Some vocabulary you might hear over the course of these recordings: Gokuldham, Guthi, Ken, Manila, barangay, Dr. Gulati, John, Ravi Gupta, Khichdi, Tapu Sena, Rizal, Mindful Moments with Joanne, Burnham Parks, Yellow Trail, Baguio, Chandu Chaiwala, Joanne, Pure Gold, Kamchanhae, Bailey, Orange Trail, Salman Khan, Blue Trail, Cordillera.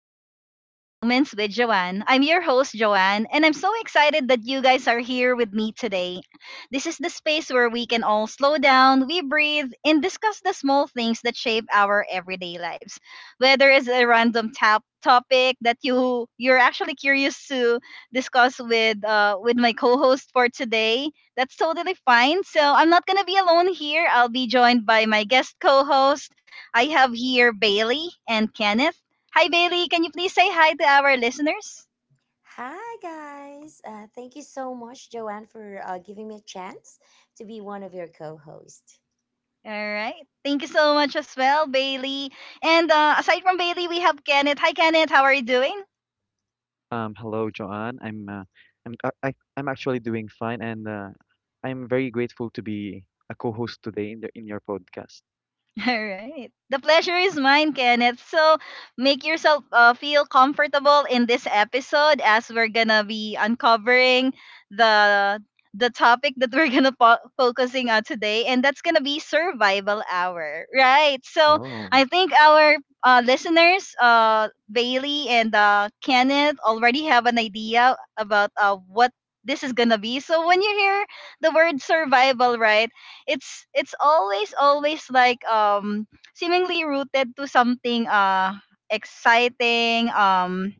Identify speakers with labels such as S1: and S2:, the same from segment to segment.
S1: to Mindful Moments with Joanne. I'm your host, Joanne, and I'm so excited that you guys are here with me today. This is the space where we can all slow down, we breathe, and discuss the small things that shape our everyday lives. Whether it's a random tap topic that you're actually curious to discuss with my co-host for today, that's totally fine. So I'm not gonna be alone here. I'll be joined by my guest co-host. I have here Bailey and Kenneth. Hi, Bailey. Can you please say hi to our listeners?
S2: Hi, guys. Thank you so much, Joanne, for giving me a chance to be one of your co hosts.
S1: All right. Thank you so much as well, Bailey. And aside from Bailey, we have Kenneth. Hi, Kenneth. How are you doing?
S3: Hello, Joanne. I'm actually doing fine, and I'm very grateful to be a co-host today in the in your podcast.
S1: All right. The pleasure is mine, Kenneth. So make yourself feel comfortable in this episode as we're going to be uncovering the the topic that we're going to focusing on today, and that's going to be survival hour. Right. So
S3: Oh,
S1: I think our listeners, Bailey and Kenneth, already have an idea about what this is going to be. So when you hear the word survival, right? It's always like seemingly rooted to something exciting, um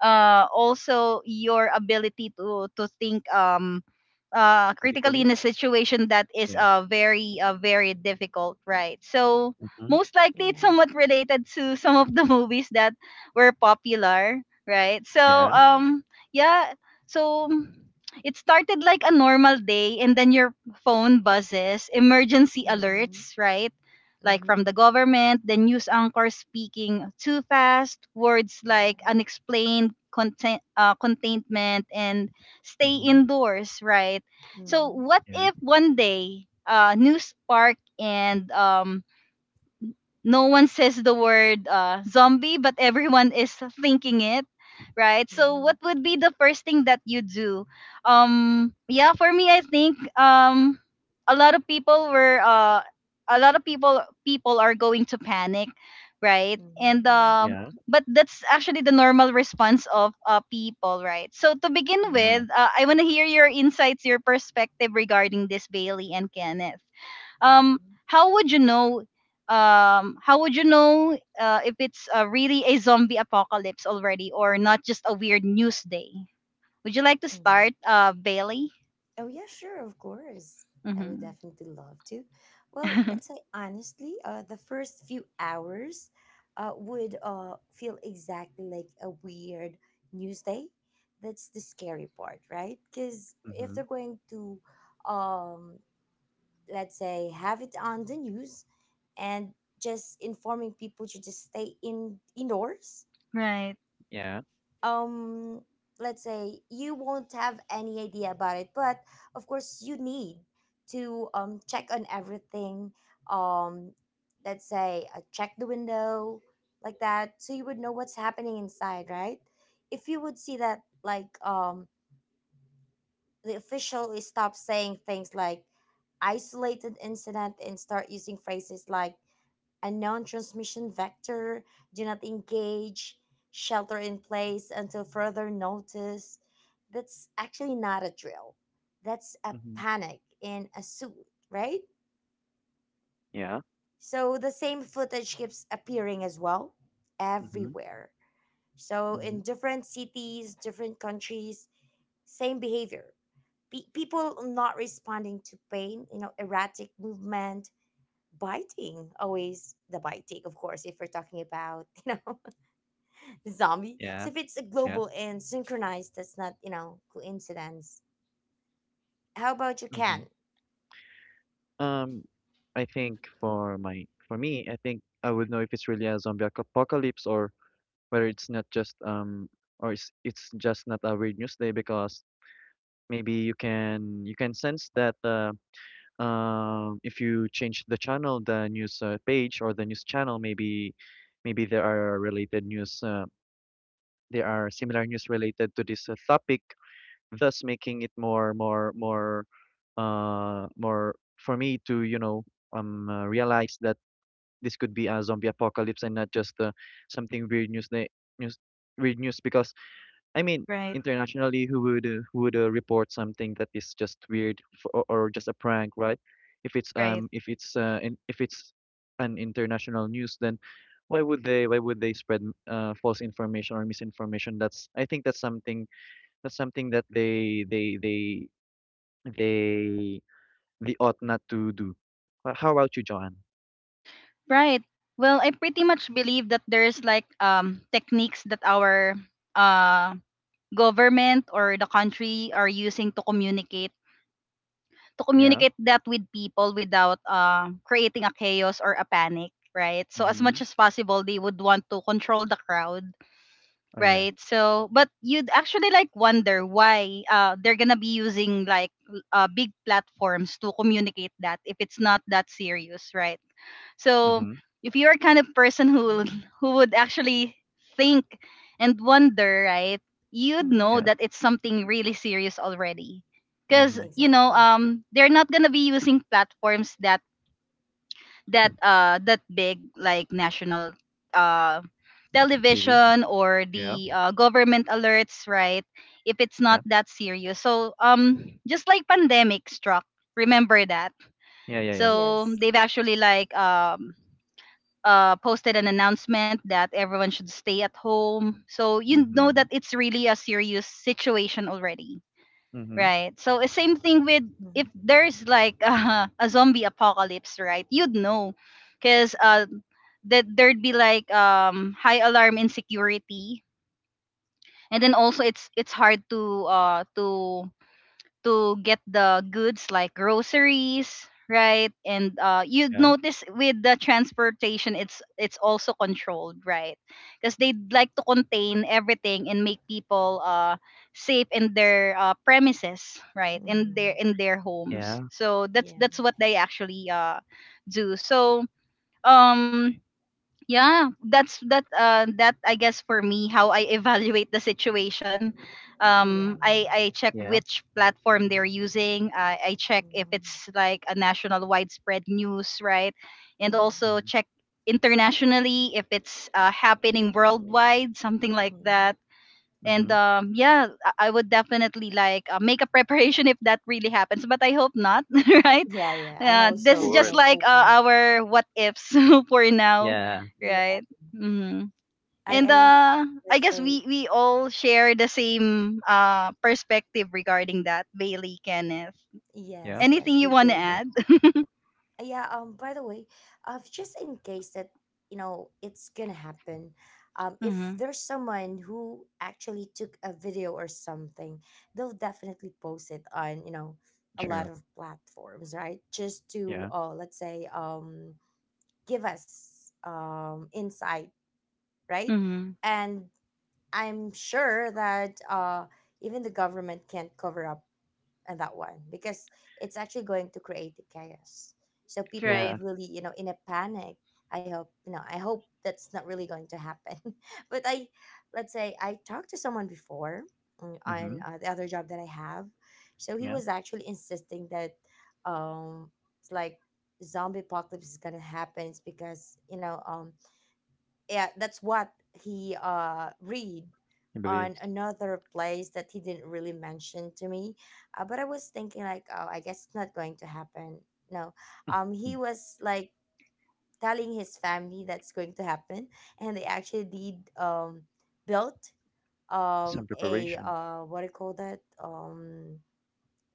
S1: uh also your ability to think, critically,
S3: critically?
S1: in a situation that is
S3: Yeah.
S1: very, very difficult, right? So
S3: Mm-hmm.
S1: most likely
S2: Yeah.
S1: it's somewhat related to some of the movies that were popular, right?
S3: Yeah.
S2: Yeah.
S1: Yeah, so it started like a normal day, and then your phone buzzes emergency
S2: Mm-hmm.
S1: alerts, right? Like
S2: Mm-hmm.
S1: from the government, the news anchor speaking too fast, words like
S2: Yeah.
S1: unexplained content, containment, and stay
S3: Mm-hmm.
S1: indoors, right? So,
S2: Mm-hmm.
S1: what
S3: Yeah.
S1: if one day News Park and no one says the word zombie, but everyone is thinking it, right? So
S2: Mm-hmm.
S1: what would be the first thing that you do? Yeah, for me, I think, a lot of people were a lot of people are going to panic, right? And
S2: Mm-hmm. Yeah.
S3: Yeah.
S1: but that's actually the normal response of people, right? So to begin
S2: Yeah.
S3: Yeah.
S1: with, I want to hear your insights, your perspective regarding this, Bailey and Kenneth. um
S2: Mm-hmm.
S1: how would you know, how would you know if it's really a zombie apocalypse already or not just a weird news day? Would you like to
S2: Mm-hmm.
S1: start, Bailey?
S2: Oh, yeah, sure, of course. I would
S1: Mm-hmm.
S2: definitely love to. Well, let's say honestly, the first few hours would feel exactly like a weird news day. That's the scary part, right? Because if
S3: Mm-hmm.
S2: they're going to, um, let's say, have it on the news and just informing people to just stay in indoors,
S1: Right.
S3: Yeah.
S2: um let's say you won't have any idea about it, but of course you need to check on everything. um let's say, check the window like that, so you would know what's happening inside, right? If you would see that, like, the official is stop saying things like isolated incident and start using phrases like a known transmission vector, do not engage, shelter in place until further notice. That's actually not a drill. That's a
S3: Mm-hmm.
S2: panic in a suit, right?
S3: Yeah.
S2: So the same footage keeps appearing as well
S3: Mm-hmm.
S2: everywhere. So
S3: Mm-hmm.
S2: in different cities, different countries, same behavior. People not responding to pain, you know, erratic movement, biting, always the biting, of course, if we're talking about, you know, zombie?
S3: Yeah.
S2: So if it's
S3: Yeah.
S2: global and synchronized, that's not, you know, coincidence. How about you,
S3: Mm-hmm.
S2: can?
S3: Um, I think for me, I think I would know if it's really a zombie apocalypse or whether it's not just or it's just not a weird news day because maybe you can sense that if you change the channel, the news page or the news channel, maybe maybe there are related news. There are similar news related to this topic, thus making it more more for me to realize that this could be a zombie apocalypse and not just something news weird news because I mean,
S1: Right.
S3: internationally, who would report something that is just weird or just a prank, right? If it's
S1: Right.
S3: if if it's an international news, then why would they spread false information or misinformation? That's I think that's something that they they ought not to do. How about you, John?
S1: Right. Well, I pretty much believe that there's like techniques that our uh government or the country are using to communicate,
S3: Yeah.
S1: that with people without creating a chaos or a panic, right? So as
S3: Mm-hmm.
S1: much as possible, they would want to control the crowd,
S3: Oh, yeah.
S1: right? So but you'd actually like wonder why they're gonna be using like big platforms to communicate that if it's not that serious, right? So
S3: Mm-hmm.
S1: if you're kind of person
S2: Yeah.
S1: who would actually think and wonder, right, you'd
S2: Mm-hmm.
S1: know
S3: Yeah.
S1: that it's something really serious already. Because
S3: Mm-hmm.
S1: you know,
S2: Exactly.
S1: they're not gonna be using platforms that that big, like national uh
S3: TV.
S1: television or
S3: Yeah.
S1: the government alerts, right? If it's
S3: Yeah.
S1: not that serious. So just like pandemic struck, remember that.
S3: Yeah. Yeah. Yeah.
S1: So
S2: Yes.
S1: they've actually like posted an announcement that everyone should stay at home. So you know
S3: Mm-hmm.
S1: that it's really a serious situation already,
S3: Mm-hmm.
S1: right? So same thing with if
S2: Mm-hmm.
S1: there's like a zombie apocalypse, right? You'd know, cause that there'd be like high alarm insecurity, and then also it's hard to to get the goods like groceries, right? And you'd
S3: Yeah.
S1: notice with the transportation, it's also controlled, right? Because they'd like to contain everything and make people safe in their premises, right, in their
S2: Mm-hmm.
S3: Yeah,
S1: homes. So that's
S2: Yeah.
S1: that's what they actually do. So um yeah, that's that, I guess, for me, how I evaluate the situation.
S2: Yeah.
S1: I check
S3: yeah.
S1: which platform they're using. I check if
S2: Mm-hmm.
S1: it's like a national widespread news, right? And
S2: Mm-hmm.
S1: also
S3: Mhm,
S1: check internationally if it's happening worldwide, something like
S2: Mm-hmm.
S1: that. And
S3: mhm.
S1: yeah, I would definitely like make a preparation if that really happens. But I hope not, right?
S2: Yeah, yeah. I'm
S3: Of
S1: This is
S2: also, you
S1: just
S2: know,
S3: course.
S1: like
S2: hoping.
S1: our what ifs for now,
S3: Yeah,
S2: Yeah.
S1: right? hmm
S2: I,
S3: yeah,
S1: And
S2: I, uh,
S1: I
S2: let's
S1: guess
S2: say,
S1: we all share the same perspective regarding that. Bailey, Kenneth,
S3: yeah. Of
S2: yes,
S1: anything
S2: yes, we
S1: you want to
S2: do.
S3: course.
S1: add?
S2: Yeah, by the way, just in case that, you know, it's gonna happen, if
S1: Mm-hmm.
S2: there's someone who actually took a video or something, they'll definitely post it on, you know, a lot
S3: True.
S2: of platforms, right? Just to,
S3: Yeah,
S2: let's say, give us insight, right?
S1: Mm-hmm.
S2: And I'm sure that even the government can't cover up and that one, because it's actually going to create the chaos, so people
S3: yeah.
S2: would
S1: Right.
S2: really, you know, in a panic. I hope, you know, I hope that's not really going to happen. But I, let's say, I talked to someone before, on
S3: Mhm.
S2: the other job that I have. So he
S3: Yeah.
S2: was actually insisting that, um it's like zombie apocalypse is gonna happen. It's because, you know, yeah, that's what he read
S3: He
S2: on
S3: believes.
S2: another place that he didn't really mention to me. But I was thinking like, oh, I guess it's not going to happen. No,
S3: Mm.
S2: he was like telling his family that's going to happen, and they actually did, built,
S3: Some
S2: a,
S3: preparation,
S2: what do you call that,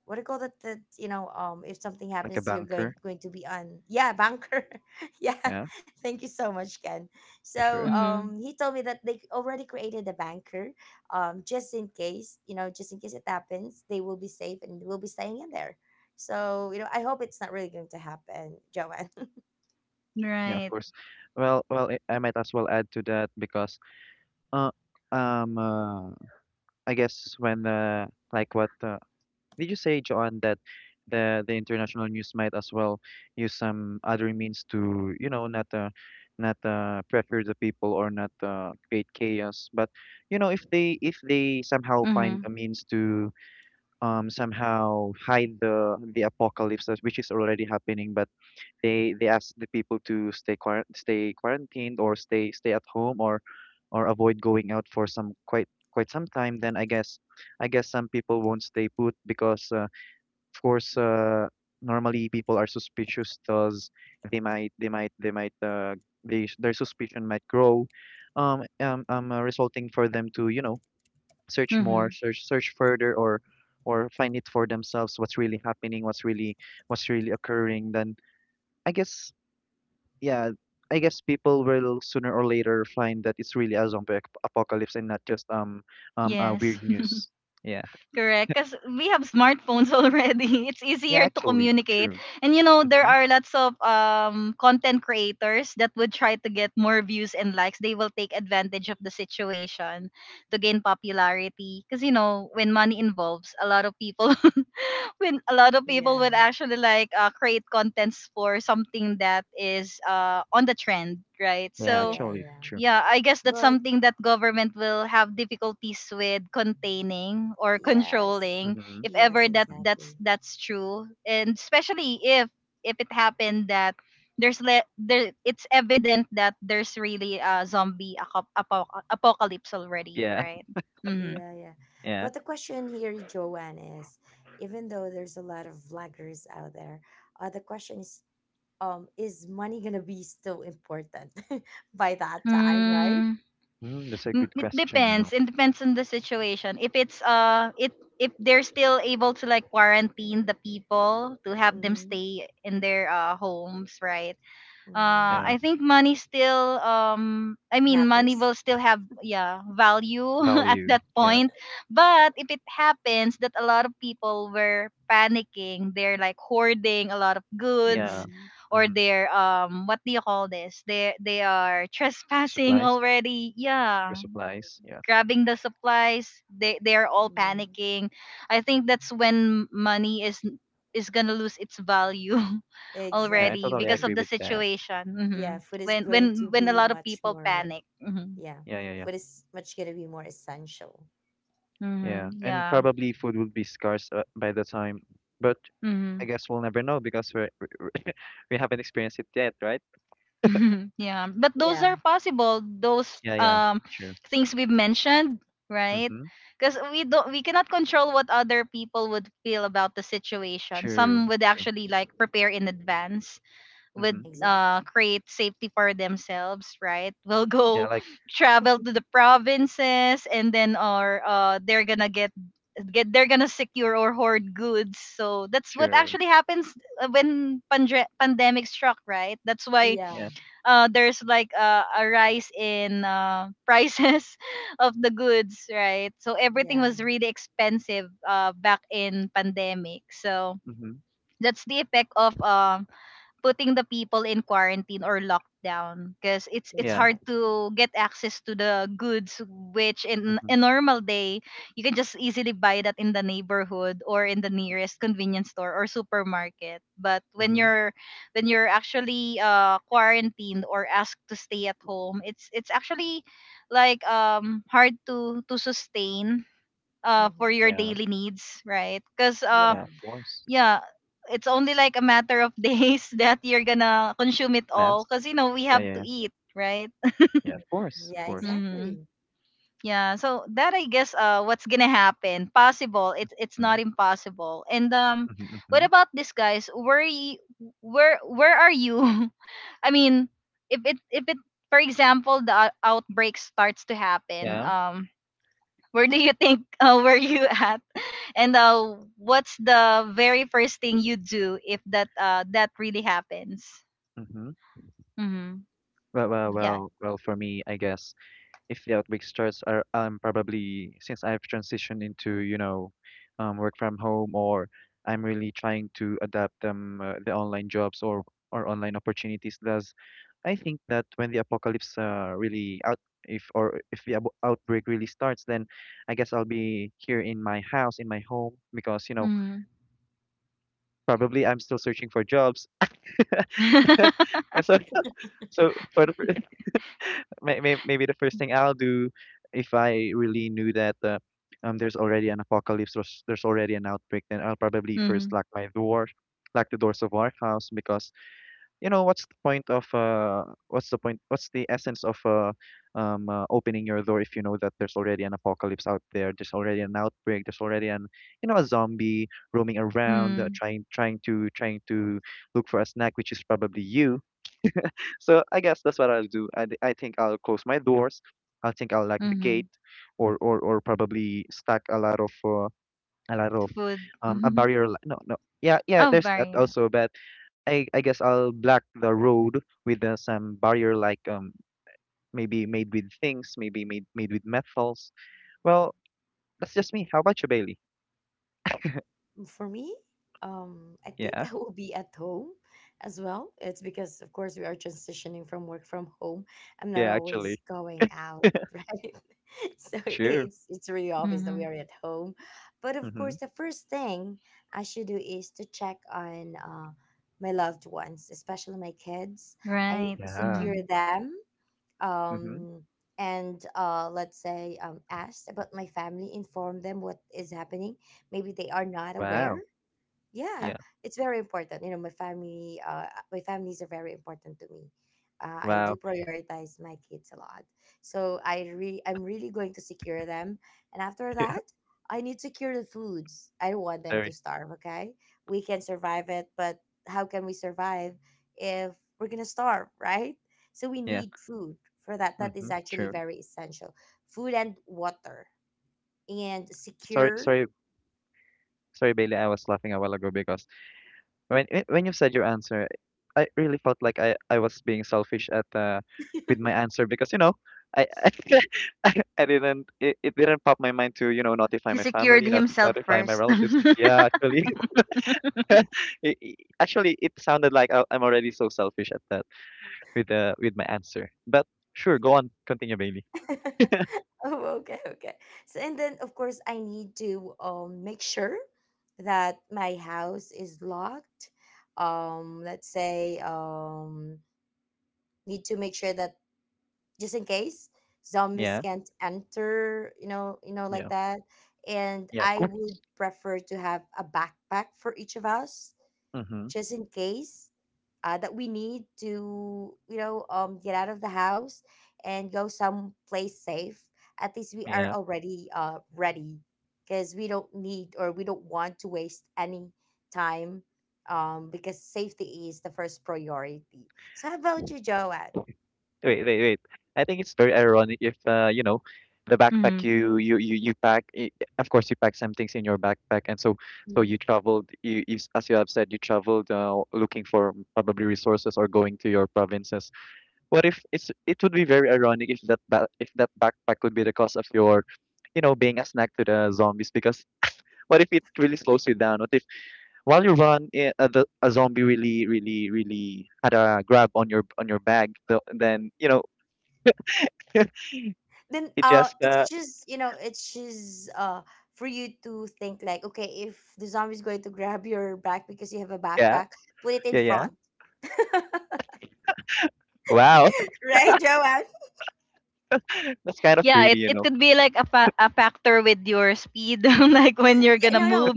S2: what do you call that, that, you know, if something
S3: like a
S2: happens, you're going
S3: banker.
S2: going to be on, yeah, banker. Yeah.
S3: Yeah,
S2: Thank you so much, Ken. So
S3: sure.
S1: Mm-hmm.
S2: he told me that they already created a banker, just in case, you know, just in case it happens, they will be safe and will be staying in there. So, you know, I hope it's not really going to happen, Joanne.
S3: Yeah, of
S1: Right.
S3: course. Well, I might as well add to that because, uh, um, uh, I guess when like what did you say, Joanne, that the international news might as well use some other means to, you know, not pressure the people or not create chaos, but you know, if they somehow find
S1: Mm-hmm.
S3: a means to somehow hide the apocalypse which is already happening, but they ask the people to stay quarantined or stay at home or avoid going out for some quite quite some time, then I guess some people won't stay put. Because of course, normally people are suspicious because they might, their suspicion might grow, resulting for them to, you know,
S1: Mm-hmm.
S3: search further, or find it for themselves what's really happening, what's really occurring. Then I guess, yeah, I guess people will sooner or later find that it's really a zombie apocalypse and not just
S1: Yes.
S3: weird news. Yeah,
S1: Correct, because we have smartphones already. It's
S3: yeah,
S1: easier to
S3: actually,
S1: communicate,
S3: true.
S1: and you know there
S3: Hmm.
S1: are lots of content creators that would try to get more views and likes. They will take advantage of the situation to gain popularity. Because you know when money involves, a lot of people when a lot of people
S2: Yeah,
S1: would actually like create contents for something that is on the trend, right?
S3: Yeah,
S1: So
S2: yeah,
S3: actually,
S2: yeah,
S3: true.
S1: yeah, I guess that's
S2: but
S1: something that government will have difficulties with containing or
S2: yes,
S1: controlling
S3: Mhm.
S1: if
S2: yes,
S1: ever that
S3: Mhm.
S2: exactly.
S1: that's true. And especially if it happened that there it's evident that there's really a zombie apocalypse already,
S3: Yeah,
S1: right? Mhm.
S2: Yeah, yeah.
S3: yeah.
S2: But the question here, Joanne, is, even though there's a lot of vloggers out there, the question is money gonna be still important by that time, right?
S1: Mm.
S3: Mm, that's a
S1: Mm,
S3: good
S1: it
S3: question, you
S1: depends.
S3: know.
S1: It depends on the situation. If it's it if they're still able to like quarantine the people to have them
S2: Mm-hmm.
S1: stay in their homes, right?
S2: Mm-hmm. Yeah,
S3: Yeah.
S1: I think money still I mean money
S2: matters.
S1: will still have, yeah, value at
S3: Value.
S1: that
S3: Yeah.
S1: point. But if it happens that a lot of people were panicking, they're like hoarding a lot of
S3: Yeah.
S1: goods,
S2: Mm-hmm.
S1: or
S3: Mm-hmm.
S1: they're what do you call this? They are trespassing
S3: Supplies.
S1: already.
S3: For
S1: Yeah,
S3: supplies. Yeah.
S1: grabbing the supplies, they are all
S2: Yeah,
S1: panicking. I think that's when money is gonna lose its value
S3: Yeah, I
S1: already
S3: totally
S1: because of
S2: exactly.
S3: agree
S1: the
S3: with that.
S1: situation.
S2: Yeah, food is
S1: When
S2: going to
S1: when
S2: be
S1: a lot of
S2: much
S1: people
S2: more.
S1: panic.
S2: Yeah,
S3: Yeah, yeah, yeah.
S2: food is much gonna be more essential.
S3: Yeah. And
S1: Yeah.
S3: probably food will be scarce by the time, but I
S1: hmm
S3: guess we'll never know because we're, we haven't experienced it yet, right?
S1: yeah, but those
S2: Yeah,
S1: are possible, those
S3: Yeah, yeah. True.
S1: things we've mentioned, right?
S3: Mm-hmm.
S1: Because we don't we cannot control what other people would feel about the situation.
S3: True.
S1: Some would
S3: True.
S1: actually like prepare in advance,
S3: Mm-hmm.
S1: would
S2: exactly.
S1: create safety for themselves, right? Will
S3: Yeah,
S1: go
S3: like
S1: travel to the provinces, and then, or they're gonna get, they're gonna secure or hoard goods. So that's what
S3: true.
S1: actually happens when pandemic struck, right? That's why
S2: Yeah,
S3: Yeah.
S1: there's like a rise in, prices of the goods, right? So everything
S2: yeah,
S1: was really expensive back in pandemic. So
S3: Mm-hmm.
S1: that's the effect of putting the people in quarantine or lockdown, because it's it's
S3: Yeah.
S1: hard
S2: exactly.
S1: to get access to the goods, which in
S3: Mm-hmm.
S1: a normal day you can just easily buy that in the neighborhood or in the nearest convenience store or supermarket. But
S3: Mm-hmm.
S1: when you're actually quarantined or asked to stay at home, it's actually like hard to sustain for
S2: Mm-hmm.
S1: your
S3: Yeah.
S1: daily needs, right? Because
S3: Yeah,
S2: Yeah.
S3: of course.
S1: yeah, it's only like a matter of days that you're gonna consume it all,
S3: Yes.
S1: because you know we
S3: Yeah,
S1: have
S3: yeah,
S1: to
S3: yeah.
S1: eat, right?
S3: Yeah,
S2: Mhm.
S3: of course, of
S2: Yeah,
S3: course.
S1: Mm-hmm.
S2: exactly.
S1: Yeah, so that, I guess, what's gonna happen? Possible. It's not
S3: Mhm,
S1: impossible. And
S3: mhm,
S1: what
S3: mhm.
S1: about this, guys? Where are you? I mean, if it for example the outbreak starts to happen,
S3: Yeah,
S1: where do you think were you at? And what's the very first thing you do if that that really happens?
S3: mhm.
S1: Mm-hmm.
S3: Well, well,
S1: Yeah.
S2: Mm.
S3: well, well. For me, I guess if the outbreak starts, are I'm probably, since I've transitioned into, you know, work from home, or I'm really trying to adapt the online jobs or online opportunities. Thus, I think that when the apocalypse really out if or if the outbreak really starts, then I'll be here in my house, in my home, because you know
S1: Mm-hmm.
S3: probably I'm still searching for jobs. So, so, for maybe the first thing I'll do if I really knew that there's already an there's already an outbreak, then I'll probably first
S1: Mm-hmm.
S3: lock my door, lock the doors of our house because you know what's the point of what's the point, what's the essence of opening your door if you know that there's already an apocalypse out there, there's already an outbreak, there's already an you know a zombie roaming around trying to look for a snack, which is probably you. So I guess that's what I'll do. I think I'll close my doors. I think I'll lock the
S1: Mm-hmm.
S3: gate, or probably stack a lot of a lot of
S1: Food.
S3: a
S1: Mm-hmm.
S3: barrier. No, no, yeah, yeah.
S1: Oh,
S3: There's that
S1: barrier.
S3: also, but I guess I'll block the road with some barrier like maybe made with things, maybe made made with metals. Well, that's just me. How about you, Bailey?
S2: For me, I think
S3: Yeah,
S2: I will be at home as well. It's because, of course, we are transitioning from work from home. I'm not
S3: yeah,
S2: always
S3: actually,
S2: going out, right? So
S3: sure.
S2: it's really obvious that
S1: Mm-hmm.
S2: we are at home. But of
S3: Mm-hmm.
S2: course, the first thing I should do is to check on my loved ones, especially my kids. I need
S1: Right.
S2: to
S3: Yeah.
S1: Mm-hmm.
S2: secure them,
S3: Mm-hmm.
S2: um, and let's say, asked about my family, inform them what is happening. Maybe they are not aware.
S3: Wow.
S2: Yeah,
S3: Yeah.
S2: it's very important, you know, my family, my families are very important to me. I do
S3: Wow.
S2: prioritize my kids a lot, so I'm really going to secure them. And after
S3: Yeah.
S2: that, I need to secure the foods. I don't want them to
S3: Very.
S2: starve, okay? We can survive it, but how can we survive if we're gonna starve, right? So we
S3: Yeah.
S2: need food for that. That is
S3: Mm-hmm.
S2: actually
S3: True.
S2: very essential. Food and water, and
S3: Sorry.
S2: secure.
S3: Sorry. Sorry, Bailey, I was laughing a while ago because when you said your answer, I really felt like I was being selfish at with my answer because you know I I, I didn't, it didn't pop my mind to, you know, notify
S1: He
S3: my
S1: secured
S3: family, not
S1: himself
S3: notify my
S1: first.
S3: relatives.
S1: Mm-hmm.
S3: Yeah, actually, actually it sounded like I'm already so selfish at that with my answer. But sure, go on, continue, Bailey.
S2: Oh, okay, okay. So, and then of course I need to make sure that my house is locked. Let's say, need to make sure that just in case zombies
S3: Yeah,
S2: can't enter, you know, you know, like
S3: yeah,
S2: that. And
S3: yeah, of
S2: I
S3: course.
S2: would prefer to have a backpack for each of us,
S3: Mm-hmm.
S2: just in case that we need to, you know, get out of the house and go someplace safe, at least we are
S3: Yeah.
S2: already ready, because we don't need or we don't want to waste any time, because safety is the first priority. So how about you, Joanne?
S3: Wait, wait, wait. I think it's very ironic if you know, the backpack you pack. Of course, you pack some things in your backpack, and so
S2: Mm-hmm.
S3: you traveled. You as you have said, you traveled looking for probably resources or going to your provinces. What if it would be very ironic if that ba if that backpack would be the cause of your, you know, being a snack to the zombies? Because what if it really slows you down? What if while you run, a zombie really had a grab on your bag? Then you know.
S2: Then
S3: It just,
S2: it's just, you know, it's just for you to think like, okay, if the zombie is going to grab your back because you have a
S3: yeah,
S2: backpack, put it in
S3: yeah, yeah.
S2: front.
S3: Wow,
S2: Right, Joanne?
S3: that's kind of
S1: Yeah,
S3: greedy,
S1: it,
S3: you
S1: it
S3: know.
S1: could be like a, a factor with your speed, like when you're
S2: Yeah,
S1: gonna
S2: no, no,
S1: move,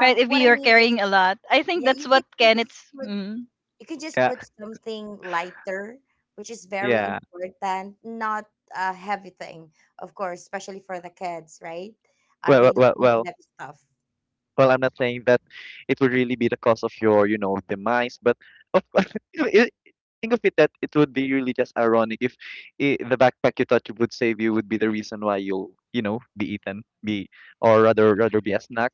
S1: right? If
S2: what I
S1: you're
S2: mean is,
S1: carrying a lot. I think
S2: yeah,
S1: that's what Kenneth's. Mm.
S2: you can just
S3: Yeah,
S2: put something lighter, which is very
S3: yeah.
S2: important, not a heavy thing, of course, especially for the kids, right?
S3: Well,
S2: They
S3: well, well,
S2: don't need
S3: well,
S2: heavy stuff.
S3: well, I'm not saying that it would really be the cause of your, you know, demise, but of course, you know, think of it that it would be really just ironic if I the backpack you thought you would save you would be the reason why you'll, you know, be eaten, or rather, rather be a snack.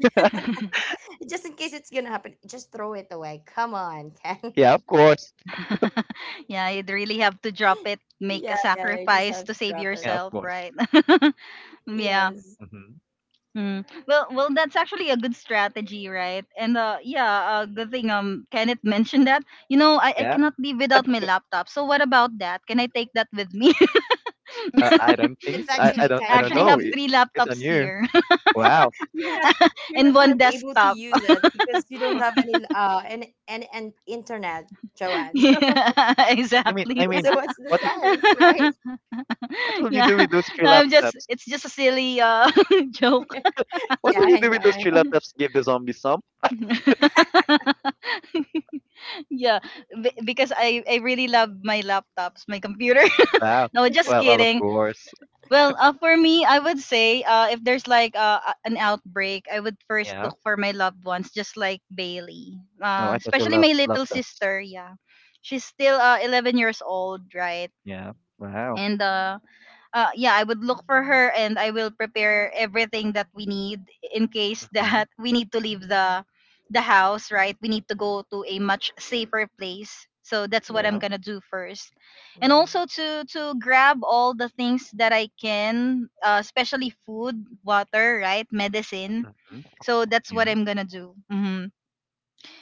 S2: Just in case it's gonna happen, just throw it away, come on. Ken,
S3: Yeah, of course.
S1: Yeah, you'd really have to drop it, make
S2: yeah,
S1: a
S2: yeah, you just
S1: sacrifice
S2: have to
S1: to save
S2: drop it.
S3: Yeah, of
S1: yourself,
S3: course.
S1: right? Yeah.
S2: Yes.
S3: Hmm.
S1: Mm. Well, well, that's actually a good strategy, right? And yeah, good thing Kenneth mentioned that. You know, I
S3: Yeah.
S1: cannot leave without my laptop. So what about that? Can I take that with me?
S3: I don't think
S2: It's
S3: so.
S2: actually
S1: I
S3: I
S2: kind of
S3: don't
S1: actually
S3: know.
S1: have
S2: heavy.
S1: three
S3: It's on
S1: laptops
S3: you.
S1: here
S3: Wow.
S2: You're not you're not
S1: and
S2: gonna
S1: one
S2: be able to
S1: desktop.
S2: use it because you don't have any an internet, Joanne.
S1: Yeah,
S3: I mean, I
S1: exactly.
S3: mean,
S2: So what's the
S3: what w-
S2: sense, right?
S3: what will you
S1: Yeah,
S3: do with those three
S1: I'm just
S3: laptops?
S1: it's just a silly joke.
S3: What
S2: Yeah,
S3: will you
S2: I
S3: do
S2: know,
S3: with those
S2: I
S3: three
S2: know.
S3: laptops? Give the zombies some?
S1: Yeah, because I really love my laptops, my computer.
S3: Wow.
S1: No, just
S3: Well, well, of
S1: kidding.
S3: course.
S1: Well, for me, I would say if there's like an outbreak, I would first
S3: Yeah.
S1: look for my loved ones, just like Bailey.
S3: No, I thought your
S1: Especially my little
S3: laptops.
S1: sister. Yeah, she's still 11 years old, right?
S3: Yeah. Wow.
S1: And yeah, I would look for her, and I will prepare everything that we need in case
S3: Hmm.
S1: that we need to leave the house, right? We need to go to a much safer place. So that's what I'm
S3: Yeah.
S2: Yeah.
S1: gonna do first. And
S2: Mhm.
S1: also to grab all the things that I can, especially food, water, right, medicine.
S3: Hmm.
S1: So that's what
S3: Yeah.
S1: I'm gonna do. Mhm.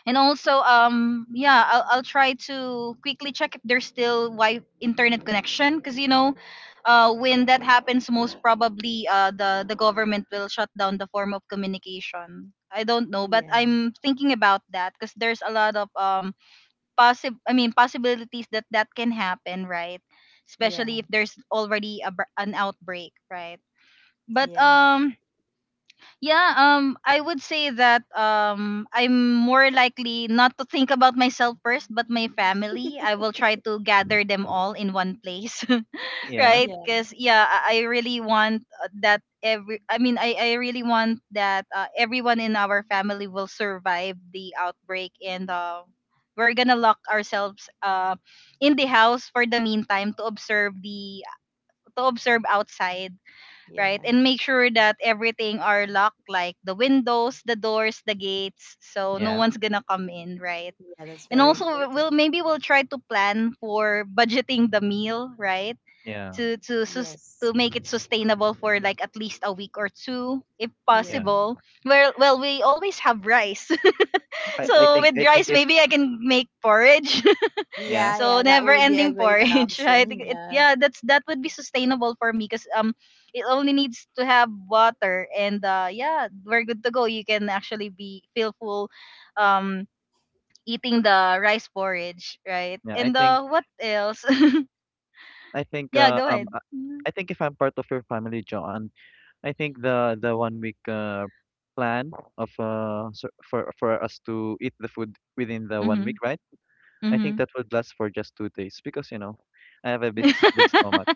S1: And also, yeah, I'll try to quickly check if there's still Wi internet connection, because when that happens, most probably the government will shut down the form of communication. I don't know, but
S2: Yeah.
S1: I'm thinking about that because there's a lot of possibilities that can happen, right? Especially
S2: Yeah.
S1: if there's already an outbreak, right? But
S2: Yeah.
S1: yeah, I would say that, I'm more likely not to think about myself first, but my family. I will try to gather them all in one place,
S3: Yeah.
S1: right?
S2: Yeah.
S1: Because yeah, I really want, that I really want that, everyone in our family will survive the outbreak, and we're gonna lock ourselves in the house for the meantime to observe the to observe outside,
S2: Yeah.
S1: right? And make sure that everything are locked, like the windows, the doors, the gates, so no
S3: Yeah.
S1: one's gonna come in, right?
S2: Yeah, that's
S1: And
S2: very
S1: also, we- will
S2: important.
S1: maybe we'll try to plan for budgeting the meal, right?
S3: Yeah.
S1: To to sus-
S2: Yes.
S1: to make it sustainable for like at least a week or two, if
S2: Yeah.
S3: Yeah.
S1: possible. Well, we always have rice, so with
S3: I
S1: rice,
S3: think if
S1: maybe I can make porridge,
S3: yeah
S2: Yeah,
S1: so
S2: yeah, that
S1: never
S2: would be a
S1: ending
S2: great
S1: porridge, right?
S2: option.
S1: It,
S2: Yeah.
S1: yeah, that would be sustainable for me because it only needs to have water, and yeah, we're good to go. You can actually be feel full um eating the rice porridge, right?
S3: yeah I
S1: And
S3: think
S1: what else?
S3: I think
S1: Yeah, go ahead.
S3: I think if I'm part of your family, John, I think the 1 week plan of for us to eat the food within the 1 week,
S1: Mhm.
S3: right? I think
S1: Mhm.
S3: that would last for just 2 days because you know I have a big big stomach.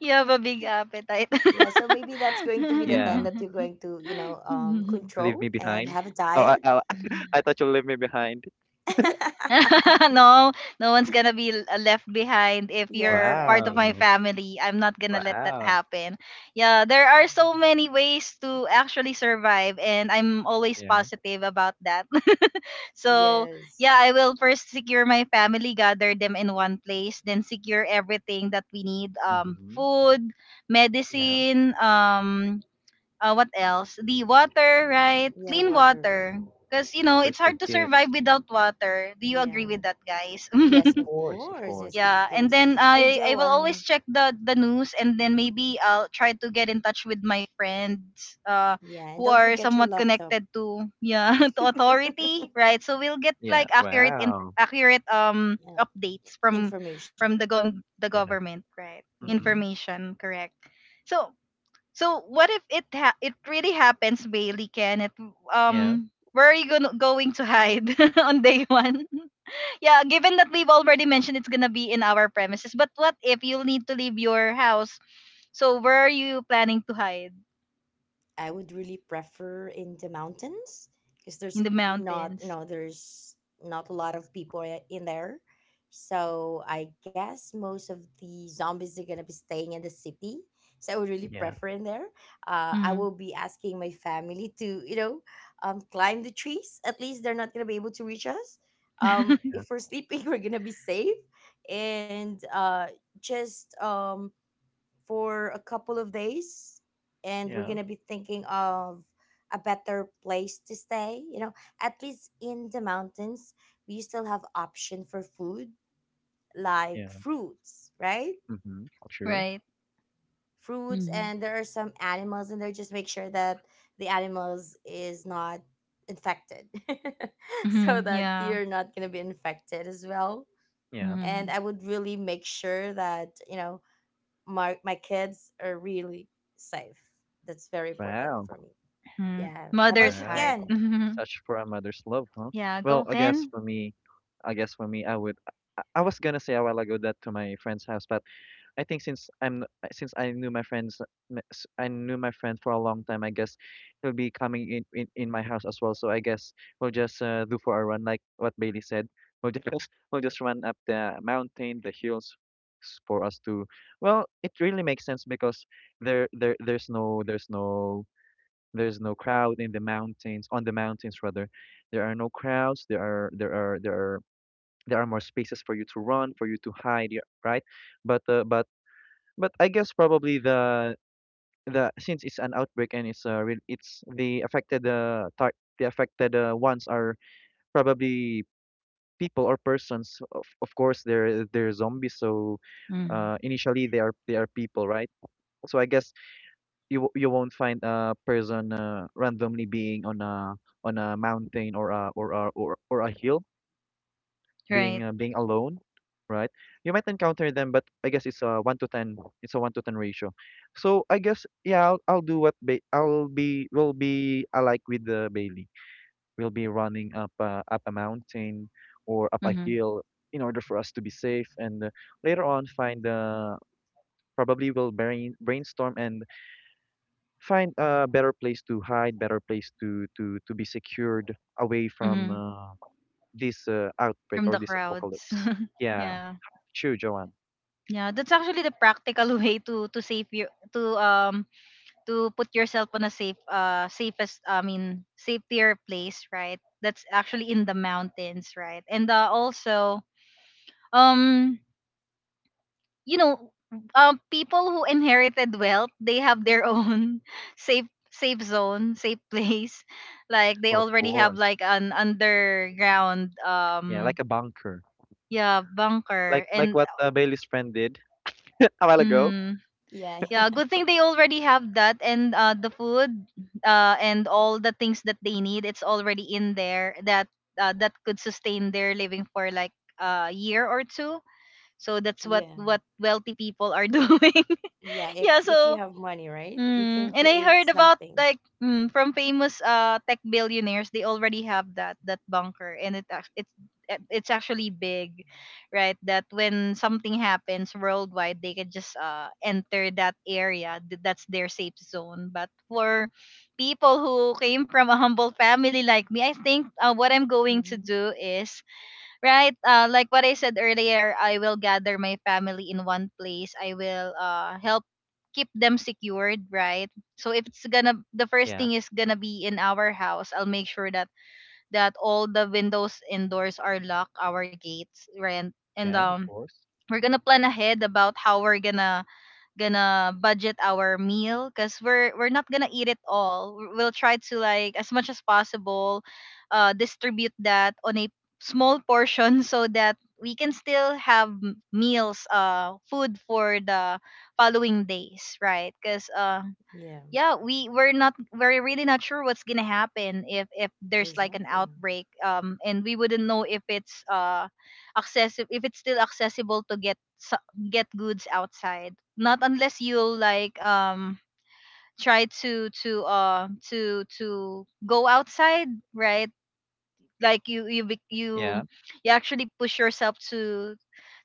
S1: You have a big appetite.
S2: Yeah, so maybe that's going to be the time
S3: Yeah,
S2: that you're going to, you know,
S3: leave
S2: control
S3: me
S2: and
S3: behind.
S2: have a
S3: Oh,
S2: diet.
S3: I thought you leave me behind.
S1: No, no one's gonna be left behind if
S2: Yeah,
S1: you're part of
S2: exactly.
S1: my
S3: Wow,
S1: family. I'm not gonna let that
S3: wow,
S1: happen. Yeah, there are so many ways to actually survive, and I'm always
S3: yeah,
S1: positive about that. So,
S2: Yes.
S1: yeah, I will first secure my family, gather them in one place, then secure everything that we need,
S3: mm-hmm.
S1: food,
S3: Yeah.
S1: medicine, what else? The water, right?
S2: Yeah,
S1: Clean
S2: water. Right?
S1: water. Because, it's
S3: First aid
S1: hard to survive
S3: kits,
S1: without water. Do you agree
S2: Yeah.
S1: with that, guys?
S2: Yes,
S3: of
S2: of
S3: course, of
S2: course. Yes,
S3: course.
S2: of
S1: Yeah. And
S2: course.
S1: then
S2: And
S1: I will
S2: Joanne,
S1: always check the news, and then maybe I'll try to get in touch with my friends,
S2: yeah, and
S1: who
S2: don't
S1: are
S2: forget your
S1: somewhat
S2: laptop.
S1: connected to, yeah, to
S2: Yeah,
S1: authority, right? So we'll get
S3: Yeah,
S1: like
S3: wow,
S1: accurate updates from
S2: information.
S1: the
S3: yeah,
S1: government, right?
S3: mm-hmm.
S2: Mhm.
S1: Information, correct. So so what if it really happens, Bailey? Can it?
S3: Yeah,
S1: Where are you gonna going to hide on day one? Yeah, given that we've already mentioned it's gonna be in our premises, but what if you'll need to leave your house? So where are you planning to hide
S2: I would really prefer in the mountains, because
S1: in
S2: there's
S1: the
S2: not, you
S1: mountains?
S2: know, there's not a lot of people in there. So I guess most of the zombies are gonna be staying in the city. So I would really
S3: yeah,
S2: prefer in there. I
S1: Mm.
S2: will be asking my family to, you know, climb the trees. At least they're not gonna be able to reach us.
S3: yeah,
S2: If we're sleeping, we're gonna be safe, and just for a couple of days, and we're
S3: yeah,
S2: gonna be thinking of a better place to stay, you know, at least in the mountains we still have option for food, like
S3: yeah.
S2: fruits, right?
S3: Mm-hmm. True.
S1: Right.
S2: Fruits,
S1: Mm-hmm.
S2: and there are some animals in there. Just make sure that the animals is not infected so
S1: Hmm.
S2: that
S1: Yeah.
S2: you're not gonna be infected as well.
S3: Yeah.
S1: Mm-hmm.
S2: And I would really make sure that, you know, my kids are really safe. That's very important
S3: Wow.
S2: for me.
S1: Hmm.
S2: Yeah. How
S1: Mother's
S2: about you,
S3: Wow.
S1: heart.
S2: Ken?
S1: Mhm.
S3: Such for a mother's love, huh?
S1: Yeah.
S3: Well,
S1: Go,
S3: I guess
S1: Ken.
S3: for me, I guess for me, I would. I was gonna say a while ago that to my friend's house, but I think since I'm since I knew my friends, I knew my friend for a long time. I guess he'll be coming in my house as well. So I guess we'll just do for a run, like what Bailey said. We'll just we'll just run up the mountain, the hills, for us to. Well, it really makes sense because there there there's no there's no there's no crowd in the mountains, on the mountains rather. There are no crowds. There are more spaces for you to run, for you to hide, yeah, right? But but I guess probably the since it's an outbreak and it's the affected the affected ones are probably people or persons. Of course, they're zombies, so
S1: Mm-hmm.
S3: initially they are people, right? So I guess you won't find a person randomly being on a mountain or a or a hill
S1: Right.
S3: being being alone, right? You might encounter them, but I guess it's a 1 to 10, it's a 1 to 10 ratio. So I guess, yeah, I'll do I'll be alike with Bailey. We'll be running up up a mountain or up a
S1: Mm-hmm.
S3: hill in order for us to be safe, and later on find, probably we'll brainstorm and find a better place to hide, better place to to be secured away from
S1: Hmm.
S3: this outbreak
S1: From
S3: or
S1: the
S3: this
S1: crowds.
S3: apocalypse. Yeah,
S1: Yeah.
S3: true, Joanne.
S1: Yeah, that's actually the practical way to save you to um to put yourself on a safe safest I mean safer place, right? That's actually in the mountains, right? And also, um you know people who inherited wealth, they have their own safe zone, safe place. Like they
S3: Well, of
S1: already have
S3: course.
S1: like an underground,
S3: Yeah, like a bunker,
S1: yeah, bunker,
S3: like
S1: and
S3: what Bailey's friend did a while ago.
S1: mhm.
S2: Yeah,
S1: Yeah, good thing they already have that, and the food, and all the things that they need. It's already in there that could sustain their living for like a year or two. So that's what
S2: yeah,
S1: what wealthy people are doing.
S2: yeah.
S1: Yeah,
S2: If
S1: so
S2: you have money, right, you can
S1: And I
S2: create
S1: heard about
S2: something.
S1: like from famous tech billionaires, they already have that bunker, and it's actually big, right? That when something happens worldwide, they can just enter that area. That's their safe zone. But for people who came from a humble family like me, I think, what I'm going to
S2: Hmm.
S1: do is, right, like what I said earlier, I will gather my family in one place. I will, help keep them secured, right? So if it's gonna, the first
S3: Yeah,
S1: thing is gonna be in our house. I'll make sure that all the windows and doors are locked, our gates, right? And
S3: yeah, of course.
S1: we're gonna plan ahead about how we're gonna budget our meal because we're not gonna eat it all. We'll try to, like, as much as possible, distribute that on a small portion so that we can still have meals, food for the following days, right? Because
S2: Yeah,
S1: yeah, we're really not sure what's gonna happen if there's like an
S2: exactly.
S1: outbreak, and we wouldn't know if it's accessible, if it's still accessible to get, get goods outside, not unless you'll like try to go outside, right? Like
S3: Yeah.
S1: you actually push yourself to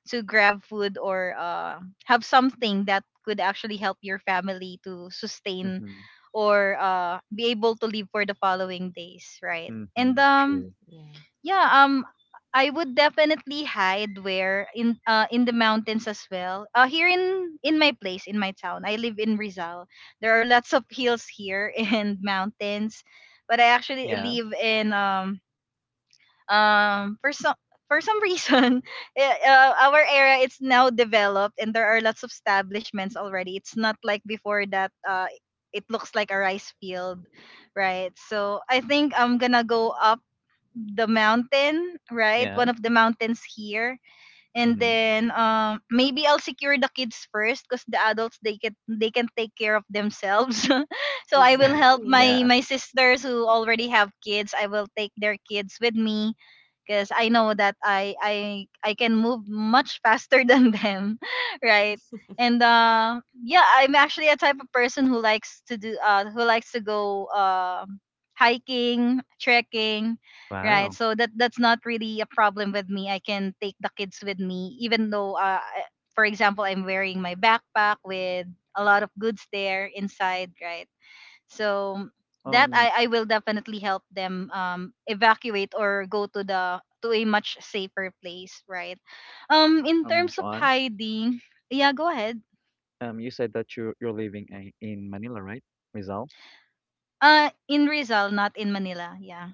S1: grab food or, have something that could actually help your family to sustain
S3: Mhm.
S1: or, be able to live for the following days, right? And,
S3: Mhm. True.
S2: Yeah,
S1: yeah, I would definitely hide where in the mountains as well. Here in my place, in my town, I live in Rizal. There are lots of hills here and mountains, but I actually
S3: Yeah.
S1: live in, um for some for some reason, our area, it's now developed, and there are lots of establishments already. It's not like before, that it looks like a rice field, right? So I think I'm gonna go up the mountain, right,
S3: Yeah.
S1: one of the mountains here. And
S3: Mhm.
S1: then, maybe I'll secure the kids first, because the adults, they can take care of themselves. So I will help
S2: exactly.
S1: my
S3: Yeah.
S1: my sisters who already have kids. I will take their kids with me because I know that I can move much faster than them, right? And yeah, I'm actually a type of person who likes to go hiking, trekking, right,
S3: Wow.
S1: so that's not really a problem with me. I can take the kids with me, even though, for example, I'm wearing my backpack with a lot of goods there inside, right? So that
S3: Um.
S1: I will definitely help them, evacuate or go to the to a much safer place, right? In terms of
S3: John.
S1: hiding. Yeah, go ahead.
S3: You said that you're living in Manila, right? Rizal.
S1: In Rizal, not in Manila. Yeah,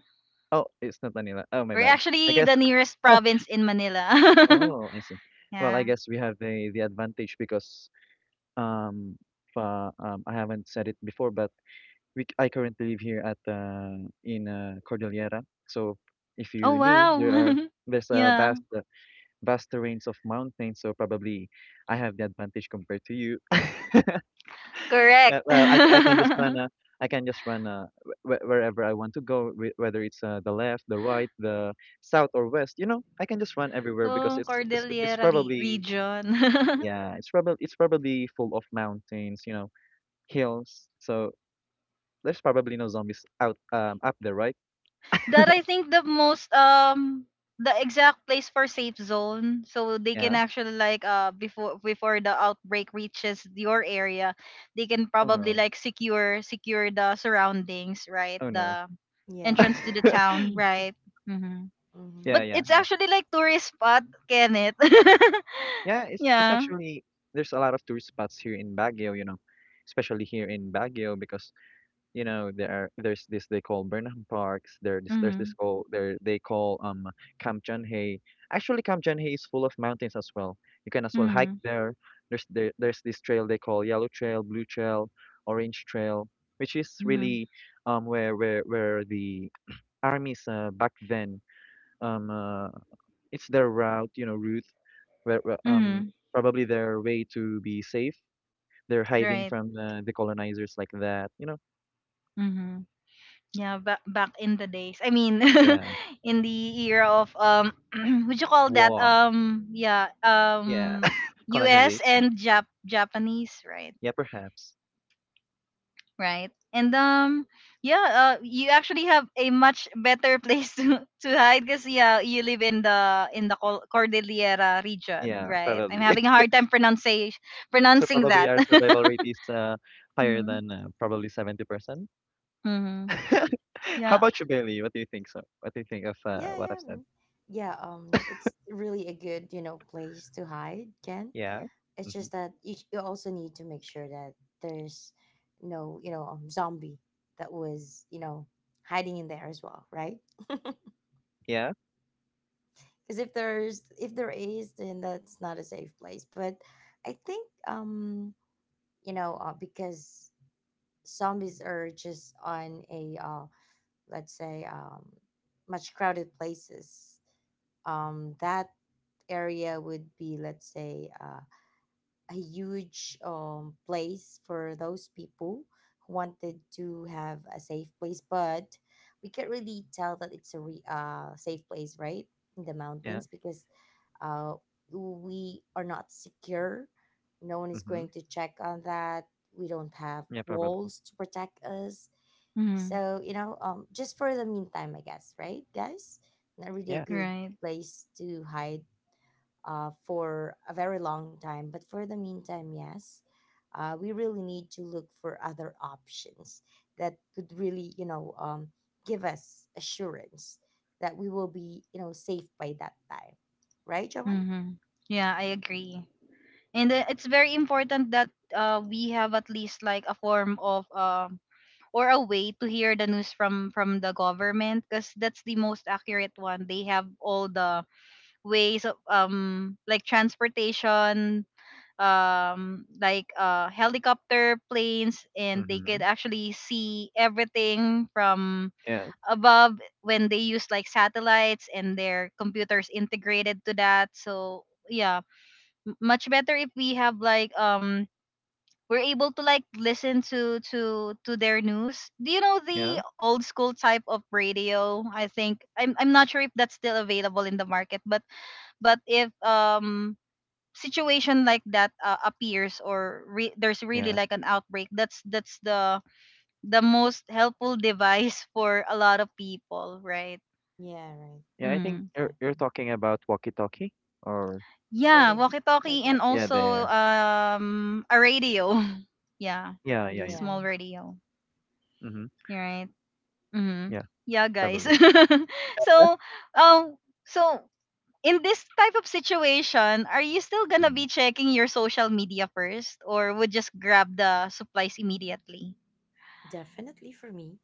S3: Oh, it's not Manila. Oh, my
S1: we're
S3: bad. I
S1: actually the
S3: guess.
S1: nearest province in Manila.
S3: Oh, I see. Well, I
S1: Yeah.
S3: guess we have the advantage because, um, fa I haven't said it before, but I currently live here at in, Cordillera. So if
S1: Oh,
S3: you knew, there are
S1: wow.
S3: there's a
S1: Yeah,
S3: vast, vast range of mountains. So probably I have the advantage compared to you.
S1: correct.
S3: Yeah, well, I can just run
S1: Oh,
S3: a I can just run a wh wherever I want to go, wh whether it's the left, the right, the south or west. You know, I can just run everywhere because it's
S1: Cordillera
S3: probably,
S1: region.
S3: yeah, it's probably full of mountains, you know, hills. So there's probably no zombies out up there, right?
S1: That I think the exact place for safe zone, so they can
S3: Yeah.
S1: actually, like, before the outbreak reaches your area, they can
S3: Oh
S1: probably,
S3: no.
S1: like, secure the surroundings, right?
S3: Oh no.
S1: The
S2: Yeah.
S1: entrance to the town, right? Hmm.
S2: Mm-hmm.
S3: Yeah,
S1: But
S3: yeah,
S1: it's
S3: yeah.
S1: actually, like, tourist spot, Kenneth.
S3: Yeah, it's
S1: Yeah.
S3: actually there's a lot of tourist spots here in Baguio, you know, especially here in Baguio because, you know, there are there's this they call Burnham Parks there. This, there's
S1: Mm-hmm.
S3: this call there They call Kamchanhae. Actually, Kamchanhae is full of mountains as well. You can as well hike
S1: Mm-hmm.
S3: there. There's this trail they call Yellow Trail, Blue Trail, Orange Trail, which is
S1: Mhm.
S3: really where the armies, back then, um uh, it's their route, you know, route where
S1: Mhm.
S3: probably their way to be safe. They're hiding
S1: Right.
S3: from, the colonizers, like that, you know.
S1: Mhm. Yeah, back in the days. I mean,
S3: Yeah,
S1: in the era of, would you call that,
S3: war.
S1: yeah,
S3: Yeah.
S1: U.S.
S3: Colonization.
S1: and Japanese, right?
S3: Yeah, perhaps.
S1: Right. And, yeah, you actually have a much better place to hide because yeah, you live in the Cordillera region,
S3: Yeah,
S1: right? I'm
S3: probably.
S1: having a hard time
S3: So
S1: pronouncing
S3: probably
S1: that.
S3: our survival rate is higher
S1: Mm-hmm.
S3: than, probably 70%.
S1: Mm-hmm.
S3: How
S1: Yeah.
S3: about you, Bailey? What do you think so? What do you think of
S2: Yeah,
S3: what
S2: yeah.
S3: I've said?
S2: Mm. Yeah, it's really a good, you know, place to hide, Ken.
S3: Yeah.
S2: It's
S3: Mm-hmm.
S2: just that you also need to make sure that there's no, you know, zombie that was, you know, hiding in there as well, right?
S3: Yeah.
S2: Because if there's, if there is, then that's not a safe place. But I think, you know, because zombies are just on a, let's say, much crowded places. That area would be, let's say, a huge place for those people who wanted to have a safe place, but we can't really tell that it's a safe place, right? In the
S3: Yeah.
S2: mountains, because, uh, we are not secure. No one is
S3: Mm-hmm.
S2: going to check on that. We don't have
S3: Yeah, probably.
S2: walls to protect us.
S1: Mm-hmm.
S2: So, you know, just for the meantime, I guess, right, guys? Not really a
S3: Yeah.
S2: good
S1: Right.
S2: place to hide for a very long time. But for the meantime, yes, we really need to look for other options that could really, you know, give us assurance that we will be, you know, safe by that time. Right, Jovan?
S1: Mm-hmm. Yeah, I agree. And, it's very important that, we have at least like a form of, or a way to hear the news from the government because that's the most accurate one. They have all the ways of, like transportation, like helicopter, planes, and they
S3: Mm-hmm.
S1: could actually see everything from
S3: Yeah.
S1: above when they use like satellites and their computers integrated to that. So yeah, much better if we have, like, we're able to, like, listen to their news. Do you know
S3: Yeah.
S1: the old school type of radio? I think I'm not sure if that's still available in the market, but if, situation like that, appears or, there's really
S3: Yeah.
S1: like an outbreak, that's the most helpful device for a lot of people, right?
S2: Yeah, right.
S3: Yeah, I think
S1: Mm.
S3: you're
S2: Exactly.
S3: talking about walkie-talkie or
S2: Sort of
S1: Yeah,
S2: like
S1: walkie-talkie
S2: that.
S1: and
S3: yeah,
S1: also,
S3: there.
S1: a radio. Yeah.
S3: Yeah, yeah,
S1: A
S3: yeah.
S2: Yeah,
S1: small radio,
S3: Mm-hmm.
S1: right? Mm-hmm.
S3: Yeah,
S1: Yeah, guys.
S3: probably.
S1: so, um, so in this type of situation, are you still gonna
S3: Mm-hmm.
S1: be checking your social media first, or would just grab the supplies immediately?
S2: definitely for me,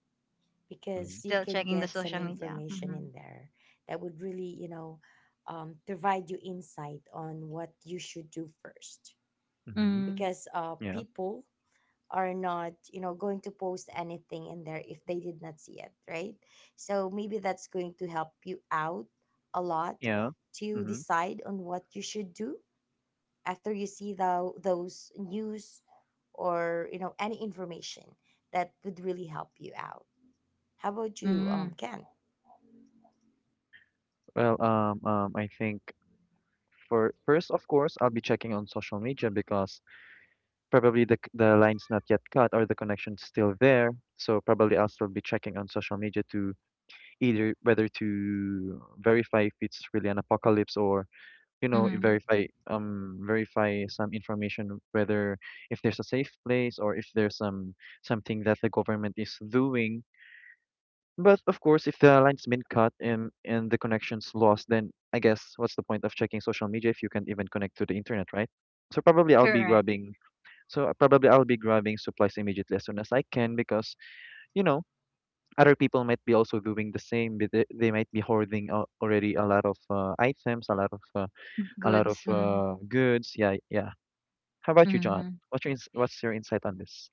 S3: Mm-hmm.
S2: because you
S1: Still
S2: can
S1: checking the
S2: get some
S1: social media.
S2: information
S1: Hmm.
S2: in there that would really, you know, provide you insight on what you should do first.
S3: Mm-hmm.
S2: Because
S3: Yeah.
S2: people are not going to post anything in there if they did not see it, right? So maybe that's going to help you out a lot
S3: Yeah.
S2: to
S3: Mm-hmm.
S2: decide on what you should do after you see those news or any information that would really help you out. How about you,
S1: Mm-hmm.
S2: Ken?
S3: Well, I think for first, of course, I'll be checking on social media because probably the line's not yet cut, or the connection's still there. So probably I'll still be checking on social media to either whether to verify if it's really an apocalypse, or, you know,
S1: Mm-hmm.
S3: verify verify some information whether if there's a safe place or if there's some something that the government is doing. But of course, if the line's been cut and the connection's lost, then I guess what's the point of checking social media if you can't even connect to the internet, right? So probably I'll be
S1: Correct.
S3: grabbing so probably I'll be grabbing supplies immediately as soon as I can because, you know, other people might be also doing the same. But they might be hoarding, already a lot of items, a lot of a lot of,
S1: Goods.
S3: goods. Yeah, yeah. How about you, John?
S1: Mm-hmm.
S3: What's your insight on this?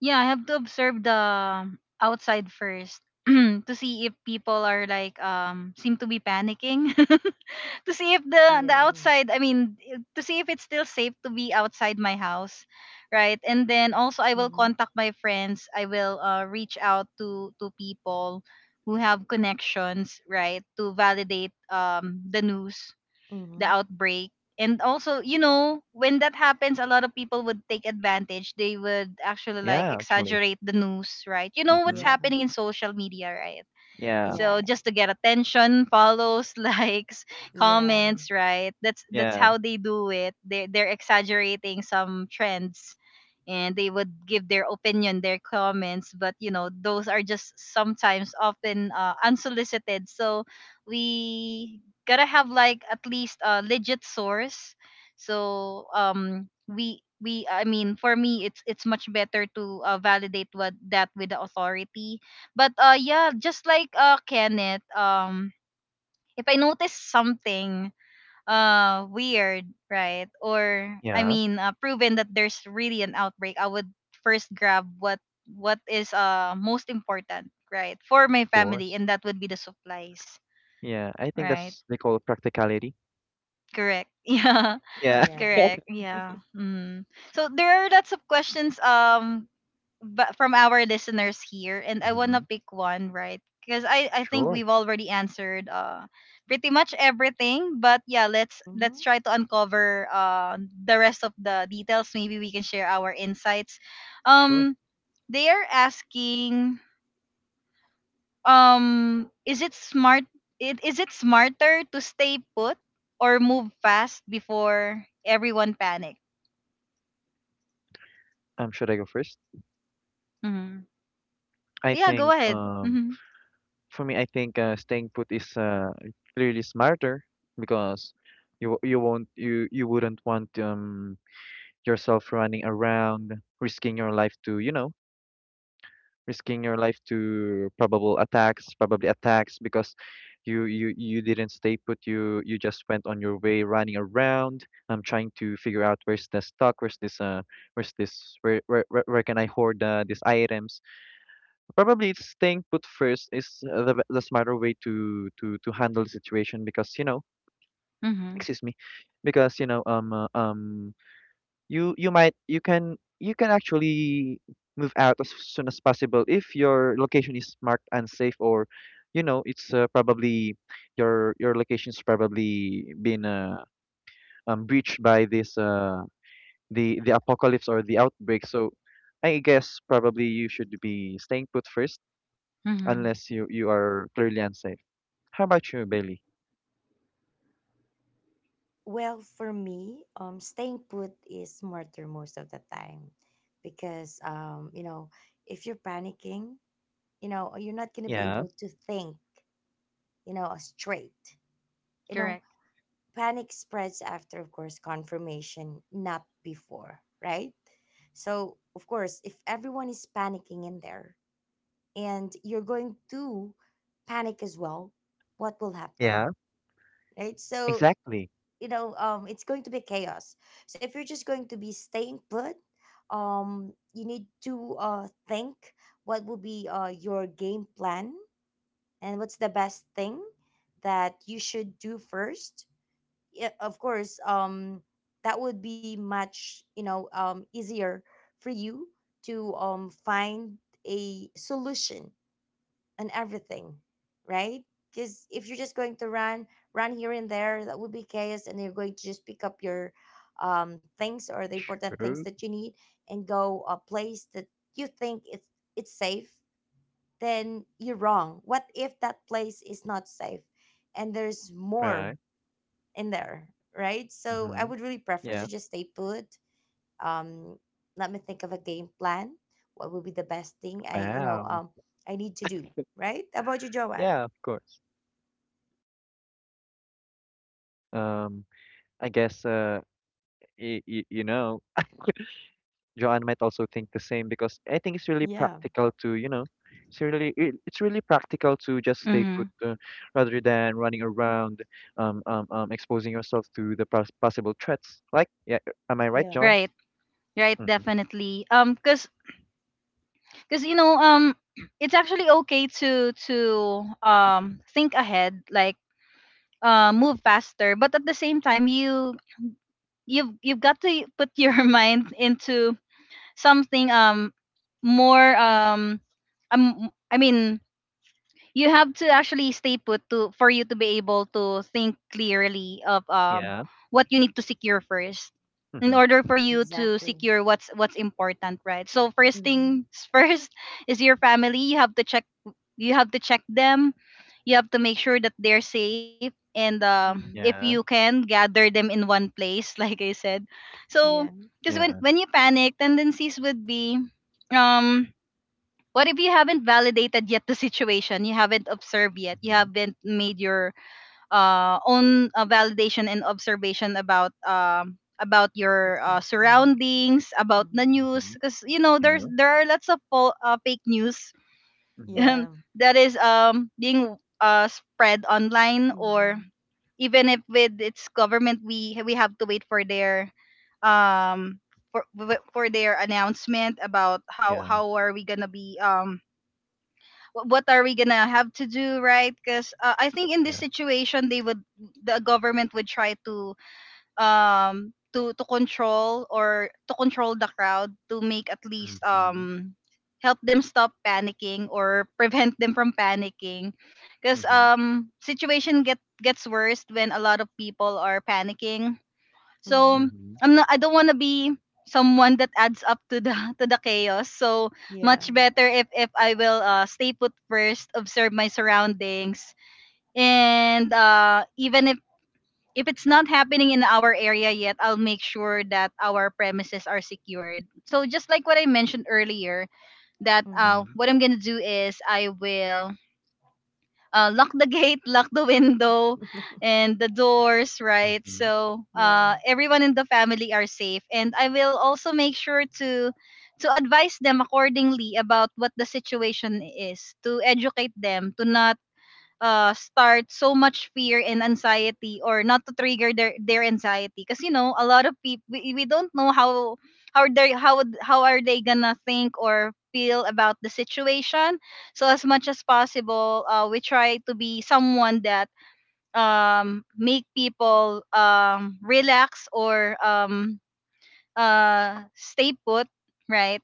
S1: Yeah, I have to observe the, outside first to see if people are like, seem to be panicking. To see if the
S2: Yeah.
S1: outside, to see if it's still safe to be outside my house, right? And then also I will
S2: Mm-hmm.
S1: contact my friends. I will reach out to people who have connections, right, to validate the news, the
S2: Mm-hmm.
S1: outbreak. And also, you know, when that happens, a lot of people would take advantage. They would actually like
S3: Yeah, actually.
S1: exaggerate the news, right? You know what's
S3: Mm-hmm.
S2: Yeah.
S1: happening in social media, right?
S3: Yeah,
S2: Yeah.
S1: So
S2: Yeah.
S1: just to get attention, follows, likes,
S2: Yeah.
S1: comments, right? That's
S3: yeah,
S1: how they do it. They're exaggerating some trends, and they would give their opinion, their comments. But you know, those are just sometimes often unsolicited. So we gotta have like at least a legit source. So we I mean for me it's much better to validate what that with the authority. But yeah, just like Kenneth, if I notice something weird, right? Or I
S3: yeah.
S1: mean, proven that there's really an outbreak, I would first grab what is most important, right? For my
S3: Of
S1: family,
S3: course.
S1: and that would be the supplies,
S3: Yeah, I think
S1: right?
S3: that's they call it practicality.
S1: Correct. Yeah.
S3: Yeah.
S2: Yeah.
S1: Correct. Yeah. Mm. So there are lots of questions but from our listeners here, and I want
S3: Mm-hmm.
S1: to pick one, right? Because I think
S3: Sure,
S1: we've already answered pretty much everything. But yeah, let's
S2: Mm-hmm.
S1: let's try to uncover the rest of the details. Maybe we can share our insights.
S3: sure.
S1: um they are asking, is it smart, is it smarter to stay put or move fast before everyone panic?
S3: Should I go first?
S1: Hmm.
S3: I
S1: Yeah, go
S3: think
S1: ahead. Mm-hmm.
S3: for me, I think, staying put is, clearly smarter because you won't, you wouldn't want yourself running around risking your life to, you know, risking your life to probable attacks, probably attacks because you didn't stay put. You just went on your way, running around. I'm trying to figure out where's the stock, where's this, where's this where where can I hoard, these items? Probably it's staying put first is, the smarter way to to handle the situation because, you know,
S1: Mm-hmm.
S3: excuse me, because, you know, you might, you can, you can actually move out as soon as possible if your location is marked unsafe, or, you know, it's, probably your location's probably been, breached by this, the apocalypse or the outbreak. So I guess probably you should be staying put first,
S1: Hmm.
S3: unless you are clearly unsafe. How about you, Bailey?
S2: Well, for me, staying put is smarter most of the time because, you know, if you're panicking, you know, you're not going to be
S3: Yeah,
S2: able to think, you know, straight. You know,
S1: Correct.
S2: panic spreads after, of course, confirmation, not before, right? So, of course, if everyone is panicking in there, and you're going to panic as well, what will happen,
S3: yeah,
S2: right? So,
S3: exactly,
S2: you know, it's going to be chaos. So if you're just going to be staying put, you need to think what will be your game plan and what's the best thing that you should do first. Yeah, of course, that would be much, you know, easier for you to find a solution and everything, right? Because if you're just going to run, run here and there, that would be chaos, and you're going to just pick up your things or the important things
S3: true,
S2: that you need and go a place that you think it's safe. Then you're wrong. What if that place is not safe, and there's
S3: right.
S2: more in there, right? So I
S3: Mm-hmm.
S2: would really prefer
S3: Yeah.
S2: to just stay put. Um, let me think of a game plan. What would be the best thing I,
S3: Wow.
S2: I need to do, right? How about you, Joanne?
S3: Yeah, of course. Um, I guess, y y you know, Joanne might also think the same because I think it's really
S2: Yeah,
S3: practical to, you know, it's really practical to just stay
S1: Mm-hmm.
S3: put, rather than running around, exposing yourself to the possible threats. Like, yeah, am I right,
S2: yeah,
S3: John?
S1: Right. Right,
S3: Mm-hmm.
S1: definitely. Cause, cause you know, it's actually okay to think ahead, like move faster, but at the same time, you've got to put your mind into something more I mean you have to actually stay put to for you to be able to think clearly of
S3: Yeah.
S1: what you need to secure first in
S3: Mm-hmm.
S1: order for you to
S2: exactly.
S1: secure what's important, right? So first
S2: Mm-hmm.
S1: things first is your family. You have to check, them. You have to make sure that they're safe. And if
S2: Mm-hmm.
S1: you
S3: Yeah.
S1: can gather them in one place like I said. So
S2: Yeah,
S1: because when
S3: Yeah.
S1: when you panic, tendencies would be um, what if you haven't validated yet the situation? You haven't observed yet. You
S3: Mm-hmm.
S1: haven't made your own validation and observation about
S2: what's
S1: your
S2: happening?
S1: surroundings, about the
S2: Mm-hmm.
S1: news,
S3: Mm-hmm.
S1: because you know
S3: Yeah.
S1: there are lots of fake news.
S3: Mm-hmm.
S2: Yeah.
S1: That is being spread online. Or
S2: Mm-hmm.
S1: even if with its government, we have to wait for their um for for their announcement about
S3: Yeah.
S1: how are we gonna be what are we gonna have to do, right? Because I think in this
S3: Yeah.
S1: situation, they would the government would try to control or to control the crowd to make at least
S3: Mm-hmm.
S1: help them stop panicking or prevent them from panicking, because
S3: Mm-hmm.
S1: situation gets worse when a lot of people are panicking.
S2: Mm-hmm.
S1: So
S3: Mm-hmm.
S1: I don't want to be someone that adds up to the to the chaos. So
S2: Yeah.
S1: much better if I will stay put first, observe my surroundings, and even if it's not happening in our area yet, I'll make sure that our premises are secured. So just like what I mentioned earlier, that
S2: Mm-hmm.
S3: Mm-hmm.
S1: what I'm gonna do is I will lock the gate, lock the window, and the doors, right?
S3: Mhm.
S1: So
S2: Yeah.
S1: everyone in the family are safe. And I will also make sure to advise them accordingly about what the situation is, to educate them, to not start so much fear and anxiety, or not to trigger their anxiety, because you know a lot of people, we don't know how they how are they gonna think or feel about the situation. So as much as possible, we try to be someone that make people relax, or stay put, right?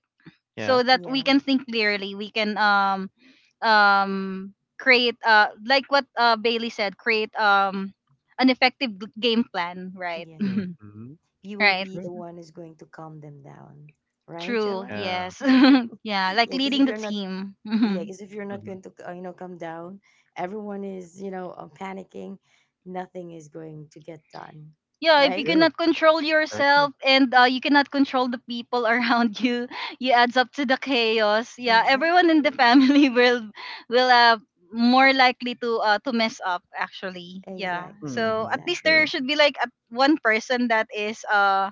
S3: Yeah.
S1: So that we can
S2: Yeah.
S1: think clearly. We can create like what Bailey said, create an effective game plan, right?
S2: Yeah.
S3: Mhm.
S2: You will
S1: Right.
S2: be the
S3: True.
S2: one who's going to calm them down, right,
S1: True.
S2: Joanne?
S3: Yeah.
S1: Yes.
S2: Yeah,
S1: Yeah, like
S2: because
S1: leading
S2: if
S1: the
S2: you're not,
S1: team.
S2: yeah, because if you're not
S3: Mhm.
S2: going to, you know, calm down, everyone is, you know, panicking. Nothing is going to get done,
S1: Yeah, if you
S2: right?
S3: True.
S1: cannot control
S3: Exactly.
S1: yourself and you cannot control the people around you, you adds up to the chaos. Yeah, everyone in the
S2: Exactly.
S1: family will more likely to mess up actually. Yeah,
S2: Exactly.
S1: so at
S3: Mhm.
S1: least
S2: Exactly.
S1: there
S3: True.
S1: should be like at one person that is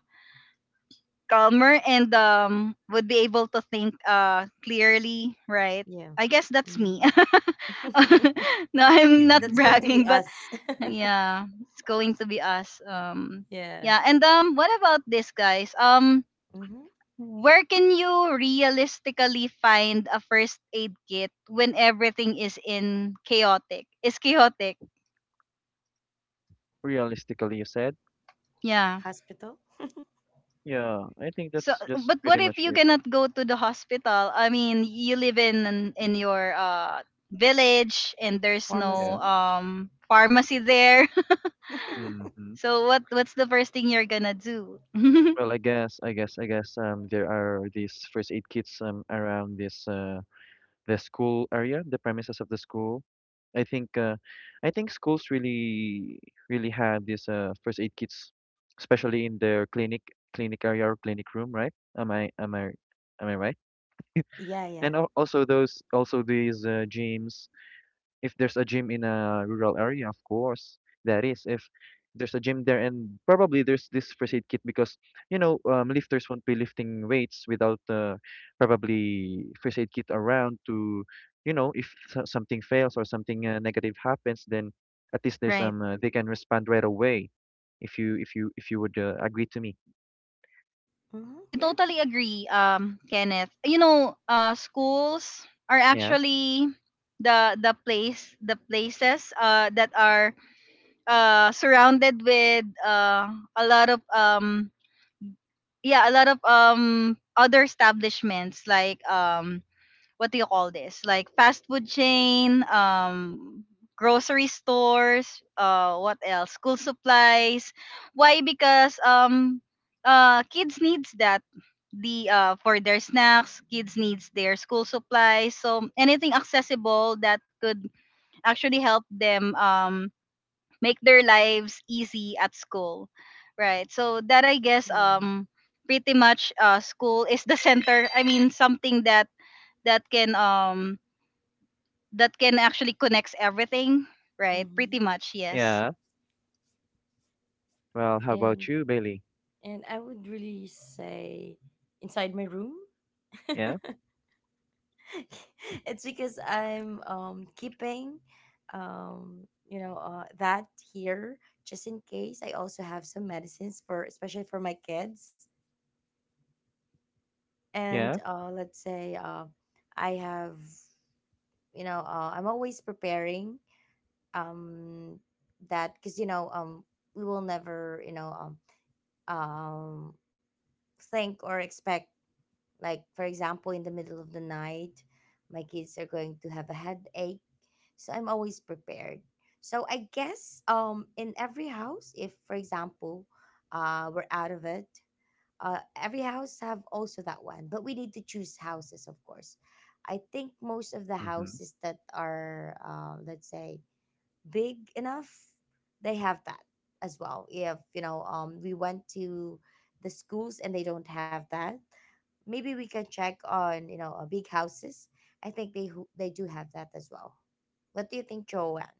S1: calmer and would be able to think clearly, right?
S2: Yeah.
S1: I guess that's me.
S2: Mhm.
S1: No, I'm not
S2: That's
S3: Mhm.
S2: going to be
S1: bragging, but
S2: us.
S1: yeah, it's going to be us. Um,
S2: Yeah.
S1: yeah. And what about this, guys? Um,
S2: Hmm.
S1: where can you realistically find a first aid kit when everything is in chaotic is chaotic?
S3: Realistically, you said.
S1: Yeah.
S2: Hospital,
S3: Yeah. I think
S1: So
S3: that's
S1: but
S3: pretty
S1: what if
S3: much
S1: you
S3: it.
S1: cannot go to the hospital? I mean you live in your village and there's no
S3: Yeah.
S2: pharmacy.
S1: pharmacy there.
S3: Mhm.
S1: So what's the first thing you're gonna do?
S3: Well, I guess, there are these first aid kits around this the school area, the premises of the school. I think, I think schools really really have this, first aid kits, especially in their clinic area or clinic room, right? Am I right?
S2: Yeah, yeah.
S3: And al- also those also these, gyms, if there's a gym in a rural area, of course, that is. If there's a gym there, and probably there's this first aid kit because, you know, lifters won't be lifting weights without, probably first aid kit around to, you know, if something fails or something, negative happens, then at least there's
S1: Right.
S3: they can respond right away. If you if you if you would, agree to me,
S2: Hmm.
S1: I
S2: Yeah.
S1: totally agree, Kenneth. You know, schools are
S3: yeah,
S1: actually the places that are surrounded with a lot of yeah a lot of other establishments, like um, what do you call this? Like fast food chain, grocery stores, what else? School supplies. Why? Because kids needs that the for their snacks. Kids needs their school supplies. So anything accessible that could actually help them make their lives easy at school, right? So that I guess
S2: Yeah.
S1: pretty much school is the center. I mean something that can that can actually connects everything, right?
S2: Hmm.
S1: Pretty much, yes.
S3: yeah. Well, how about
S2: And
S3: you, Bailey?
S2: I would really say inside my room.
S3: Yeah,
S2: It's because I'm keeping, that here just in case. I also have some medicines, for, especially for my kids. And
S3: yeah.
S2: let's say, I have, you know, I'm always preparing um that, because, we will never, um think or expect, like for example in the middle of the night my kids are going to have a headache, so I'm always prepared. So I guess, in every house, if for example we're out of it, every house have also that one, but we need to choose houses, of course. I think most of the
S3: Mm-hmm.
S2: houses that are, let's say, big enough, they have that as well. If, you know, we went to the schools and they don't have that, maybe we can check on, you know, big houses. I think they they do have that as well. What do you think, Joanne?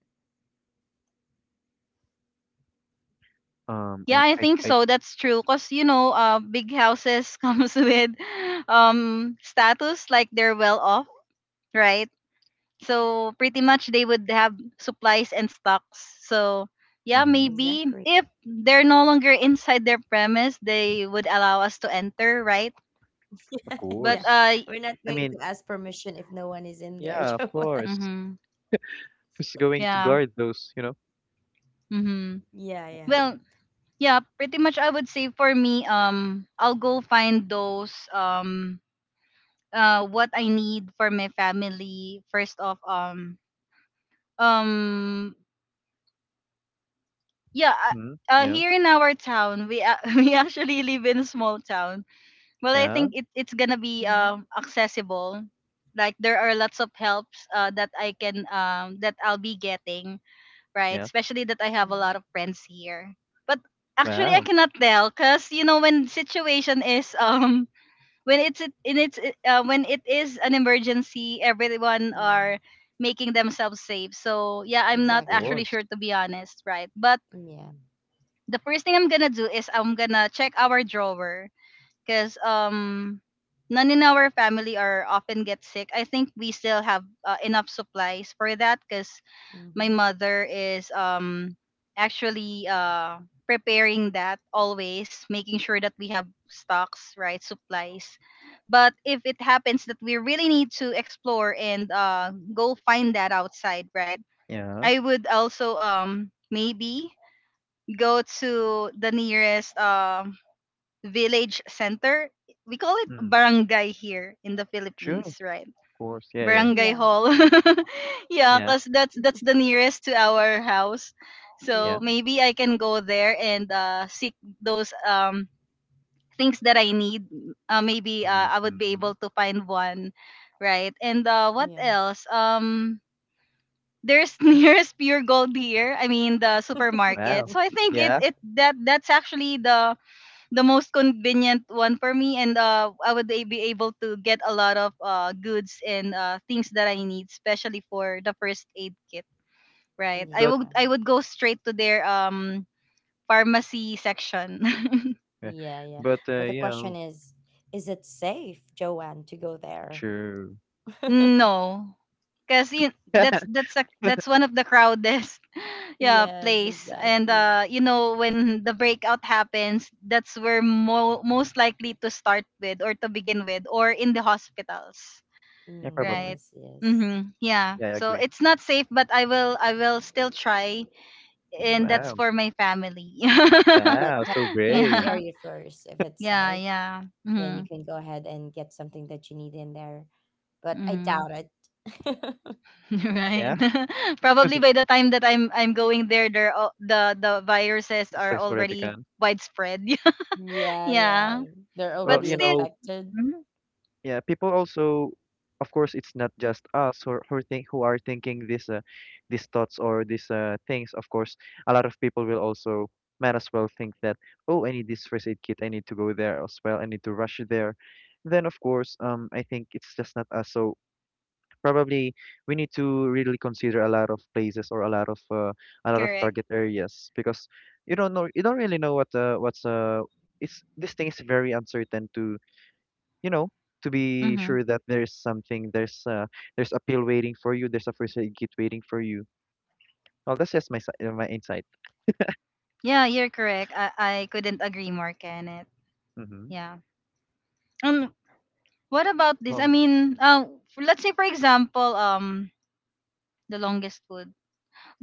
S3: Um,
S1: Yeah,
S3: I,
S1: I
S3: I,
S1: think
S3: I,
S1: so. That's true. Cause you know, big houses comes with status, like they're well off, right? So pretty much they would have supplies and stocks. So yeah,
S3: mm-hmm.
S1: maybe
S2: Exactly.
S1: if they're no longer inside their premise, they would allow us to enter, right?
S3: Of
S2: Yeah,
S1: But
S3: course.
S2: we're not going
S3: I
S2: to
S3: mean,
S2: ask permission if no one is in there,
S3: yeah, of
S2: Joanne.
S3: course.
S1: mm-hmm,
S3: Who's going to
S1: yeah,
S3: guard those, you know?
S1: mm-hmm.
S2: Yeah, yeah.
S1: Well, yeah, pretty much I would say for me I'll go find those what I need for my family first off um yeah
S3: Hmm. Yeah,
S1: here in our town we actually live in a small town. Well, I
S3: yeah,
S1: think it's gonna be
S2: Mm-hmm.
S1: accessible, like there are lots of helps that I can that I'll be getting, right?
S3: yeah.
S1: Especially that I have a
S2: Mm-hmm.
S1: lot of friends here. But actually, I
S3: Wow,
S1: cannot tell, because you know when situation is when it's it- in it's it- when it is an emergency, everyone
S2: Yeah,
S1: are making themselves safe. So yeah, I'm
S3: of
S1: not
S2: exactly.
S1: actually
S3: course.
S1: sure, to be honest, right? But
S2: Yeah.
S1: the first thing I'm gonna do is I'm gonna check our drawer, because um none in our family are often get sick. I think we still have enough supplies for that, because my
S2: Mm-hmm.
S1: mother is actually preparing that, always making sure that we have stocks, right, supplies. But if it happens that we really need to explore and go find that outside, right,
S3: Yeah.
S1: I would also maybe go to the nearest village center. We call it
S3: Mm,
S1: barangay here in the
S3: true, of
S1: Philippines, right?
S3: course. Yeah, yeah,
S1: Barangay
S2: Yeah.
S1: hall. Yeah,
S3: yeah,
S1: cause that's the nearest to our house. So
S2: Yeah.
S3: yeah.
S1: maybe I can go there and seek those things that I need. Maybe I would be
S3: Mm-hmm.
S1: able to find one, right? And what
S2: Yeah.
S1: else? There's nearest Pure Gold here. I mean the supermarket.
S3: Wow.
S1: So I think it
S3: Yeah,
S1: it that's actually the most convenient one for me. And I would be able to get a lot of goods and things that I need, especially for the first aid kit, right? I
S3: but
S1: would
S2: Yeah.
S1: go straight to their pharmacy section.
S3: uh,
S2: Yeah. Yeah.
S3: but,
S2: But the
S3: you
S2: question
S3: know,
S2: is it safe, Joanne, to go there?
S3: true.
S1: No, because that's one of the crowdest yeah
S2: Yes,
S1: place. And
S2: exactly.
S1: you know when the breakout happens, that's where most likely to start with or to begin with, or in the hospitals,
S3: Yeah,
S2: Mm,
S3: probably.
S1: right?
S2: yes. Yes.
S1: Mm-hmm. Yeah,
S3: Yeah, I
S1: so
S3: agree.
S1: it's not safe, but I will still try, and that's
S2: Yeah.
S3: Wow.
S1: for my family. Yeah,
S2: Yeah.
S3: Wow,
S2: Check
S3: so
S2: check the
S3: brave.
S2: area first. If it's
S1: yeah,
S2: safe,
S1: yeah,
S2: then you
S1: mm-hmm.
S2: can go ahead and get something that you need in there. But I
S1: Mm-hmm.
S2: doubt it.
S3: Yeah,
S1: Right. Probably by the time that I'm going there the viruses
S3: it's
S1: are
S3: like already
S1: already
S3: gone.
S1: widespread.
S2: Yeah, yeah.
S1: Yeah,
S2: They're
S3: Well,
S1: but
S2: already
S3: you
S1: still.
S3: know,
S2: infected.
S1: Mhm.
S3: yeah, people also, of course, it's not just us who, who think, who are thinking this, these thoughts, or these, things. Of course, a lot of people will also might as well think that, oh, I need this first aid kit, I need to go there as well, I need to rush there. Then of course, I think it's just not us, so probably we need to really consider a lot of places or a lot of, a lot of
S1: Correct.
S3: target areas because you don't know, you don't really know what, what's, it's, this thing is very uncertain to, you know, to be
S1: Mm-hmm.
S3: sure that there's something, there's a pill waiting for you, there's a first aid kit waiting for you. Well, that's just my my insight.
S1: Yeah, you're correct. I couldn't agree more, Kenneth.
S3: Hmm.
S1: Yeah. Um, what about this? I
S3: Um,
S1: mean let's say for example the longest food,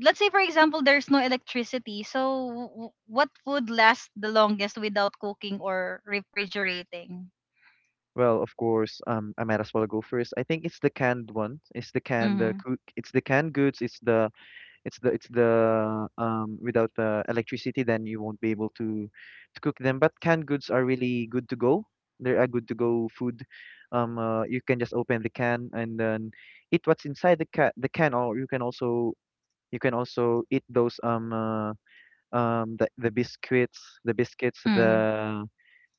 S1: let's say for example there's no electricity, so what food lasts the longest without cooking or refrigerating?
S3: well, of course, I might as well go first. I think it's the canned one. It's the canned,
S1: Mm-hmm.
S3: it's the canned goods. It's the it's the it's the Without the electricity, then you won't be able to cook them, but canned goods are really good to go. They're a good to go food. You can just open the can, and then eat what's inside the can, or you can also. You can also eat those, the biscuits, the biscuits,
S1: Mm-hmm.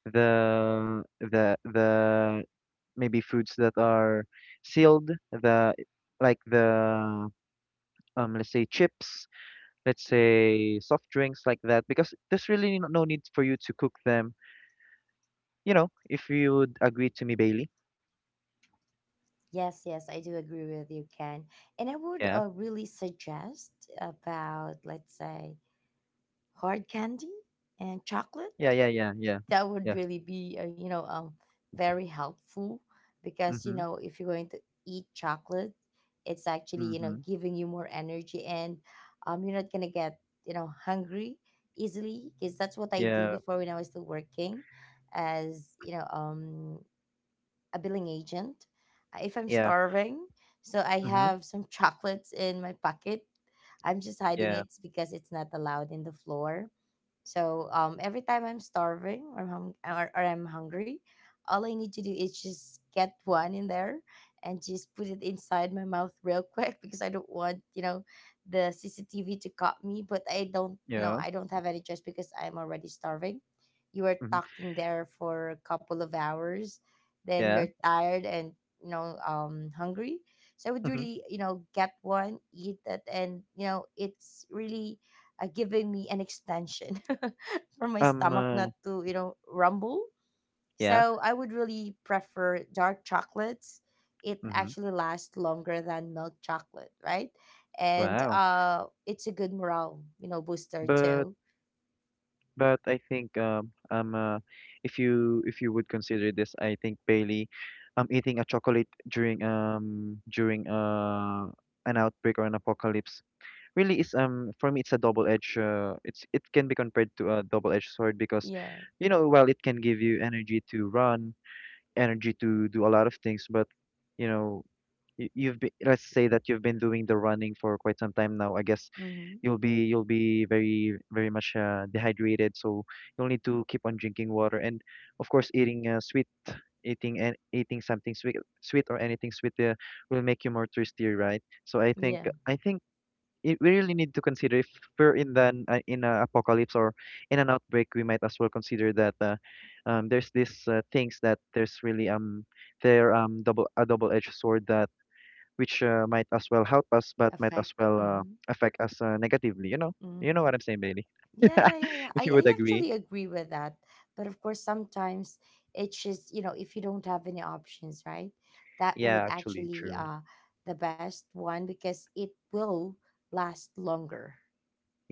S3: the maybe foods that are sealed, the like the let's say chips, let's say soft drinks, like that, because there's really no need for you to cook them. You know, if you would agree to me, Bailey.
S2: Yes, yes, I do agree with you, Ken. And I would,
S3: Yeah.
S2: really suggest about, let's say, hard candy and chocolate.
S3: Yeah, yeah, yeah, yeah.
S2: That would
S3: Yeah.
S2: really be, you know, very helpful because, you
S3: Mhm.
S2: know, if you're going to eat chocolate, it's actually, you know,
S3: Mhm.
S2: giving you more energy and, you're not going to get, you know, hungry easily, because that's what I do
S3: Yeah.
S2: before when I was still working as, you know, a billing agent, if I'm
S3: Yeah.
S2: starving. So I
S3: Mhm.
S2: have some chocolates in my pocket. I'm just hiding
S3: Yeah.
S2: it because it's not allowed in the floor. So, every time I'm starving, or I'm hungry, all I need to do is just get one in there and just put it inside my mouth real quick, because I don't want, you know, the CCTV to caught me. But I don't, you know,
S3: Yeah.
S2: I don't have any choice because I'm already starving. You are
S3: Mhm.
S2: talking there for a couple of hours, then
S3: Yeah.
S2: you're tired and, you know, hungry. So I would
S3: Mhm.
S2: really, you know, get one, eat that, and you know, it's really, giving me an extension for my
S3: Um,
S2: stomach
S3: uh,
S2: not to, you know, rumble.
S3: yeah.
S2: So I would really prefer dark chocolates. It
S3: Mm-hmm.
S2: actually lasts longer than milk chocolate, right? And,
S3: Wow.
S2: it's a good morale, you know, booster
S3: But,
S2: too.
S3: I think if you would consider this, I think Bailey, eating a chocolate during an outbreak or an apocalypse really is, for me, it's a double-edged, it's it can be compared to a double-edged sword because,
S2: Yeah.
S3: you know, while it can give you energy to run, energy to do a lot of things, but, you know, you've been, let's say that you've been doing the running for quite some time now. I guess
S2: Mm-hmm.
S3: you'll be very, very much, dehydrated. So you'll need to keep on drinking water, and of course, eating, sweet, eating and eating something sweet, sweet or anything sweet, will make you more thirsty, right? So I think,
S2: Yeah.
S3: I think. It, we really need to consider, if we're in the, in a apocalypse, or in an outbreak, we might as well consider that, there's these, things that there's really, they're double, a double edged sword, that, which, might as well help us, but might as
S2: Effect.
S3: well,
S2: Mm-hmm.
S3: affect us, negatively, you know. You know
S2: Mm-hmm.
S3: what I'm saying, Bailey?
S2: Yeah, yeah, yeah, yeah. I,
S3: If you
S2: I
S3: would agree.
S2: actually agree with that. But of course, sometimes it's just, you know, if you don't have any options, right? That
S3: Yeah,
S2: would
S3: actually,
S2: actually,
S3: true.
S2: uh, the best one because it will last longer,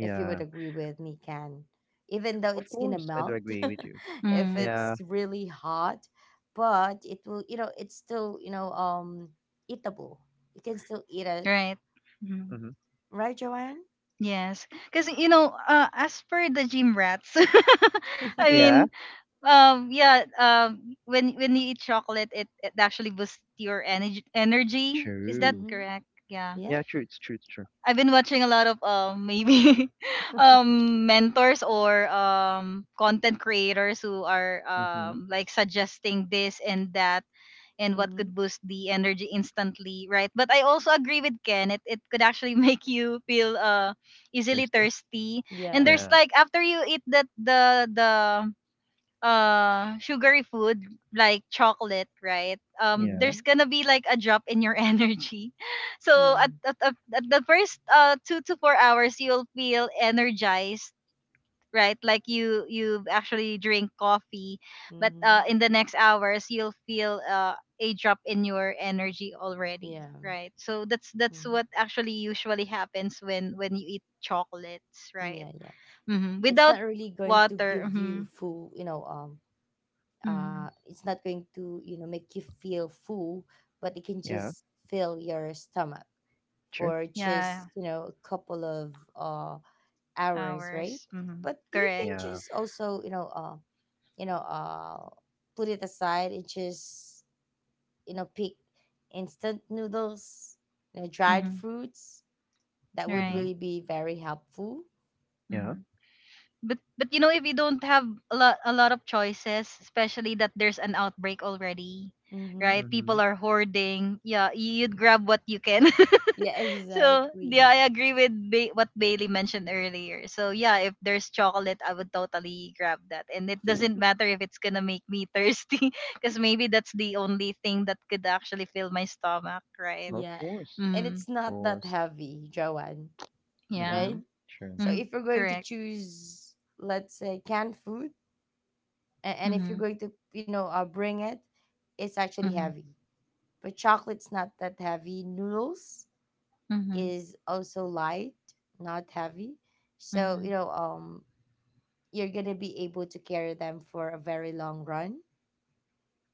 S2: if you would agree with me, Can. Even though
S3: Of
S2: it's gonna
S3: course, I do
S2: melt
S3: agree with you.
S2: if
S1: Mm-hmm.
S3: Yeah.
S2: it's really hot, but it will, you know, it's still, you know, eatable. You can still eat it,
S1: Right. Mm.
S3: Mm-hmm.
S2: right, Joanne?
S1: Yes, because you know as per the gym rats. I
S3: Yeah,
S1: mean yeah when you eat chocolate, it actually boosts your energy, is that
S3: true.
S2: Mm-hmm.
S1: correct? Yeah.
S2: Yeah.
S3: Yeah, true, it's true, it's true.
S1: I've been watching a lot of maybe mentors or content creators who are
S3: Mm-hmm.
S1: like suggesting this and that, and what
S2: Mm-hmm.
S1: could boost the energy instantly, right? But I also agree with Ken. It could actually make you feel easily
S3: Thirsty.
S1: thirsty. And
S2: Yeah.
S1: there's
S3: Yeah,
S1: like after you eat that the sugary food like chocolate, right? Um,
S3: yeah,
S2: Mm-hmm.
S1: there's gonna be like a drop in your energy. So at,
S2: Yeah.
S1: at the first 2 to 4 hours you'll feel energized, right? Like you actually drink coffee. But
S2: Hmm.
S1: in the next hours you'll feel a drop in your energy already,
S2: Yeah.
S1: right? So that's
S2: Hmm.
S1: what actually usually happens when you eat chocolates, right?
S2: Yeah. Yeah.
S1: Hmm.
S2: It's
S1: Without
S2: not really going to
S1: water.
S2: give you
S1: Hmm.
S2: full, you know,
S1: Hmm.
S2: it's not going to, you know, make you feel full, but it can
S3: yeah,
S2: just fill your stomach
S3: true,
S2: for
S1: Yeah.
S2: just, you know, a couple of hours, right?
S1: Hours. Hmm.
S2: But you
S1: Correct.
S2: can
S3: yeah.
S2: just also, you know, you know, uh, put it aside and just, you know, pick instant noodles, you know, dried
S1: Hmm.
S2: fruits. That would
S3: Mm-hmm.
S1: Right.
S2: really be very helpful.
S3: Yeah.
S1: Hmm. But you know if you don't have a lot of choices, especially that there's an outbreak already,
S2: Mm-hmm.
S1: right?
S3: Mm-hmm.
S1: People are hoarding. Yeah, you'd grab what you can.
S2: Yeah,
S1: So
S2: exactly.
S1: yeah, I agree with what Bailey mentioned earlier. So yeah, if there's chocolate, I would totally grab that, and it doesn't matter if it's gonna make me thirsty, because maybe that's the only thing that could actually fill my stomach, right?
S3: Of
S2: Yeah.
S3: course.
S2: And
S1: Mm,
S2: it's
S3: Of
S2: not that
S3: course.
S2: heavy, Joanne,
S1: yeah.
S3: Mm-hmm.
S2: right?
S3: True.
S2: So
S1: Mm,
S2: if you're going to
S1: correct.
S2: choose, let's say, canned food, a- and if you're
S1: Mhm,
S2: going to, you know, bring it, it's actually
S1: mhm,
S2: heavy. But chocolate's not that heavy. Noodles
S1: mhm,
S2: is also light, not heavy. So, you
S1: mhm.
S2: know, you're gonna be able to carry them for a very long run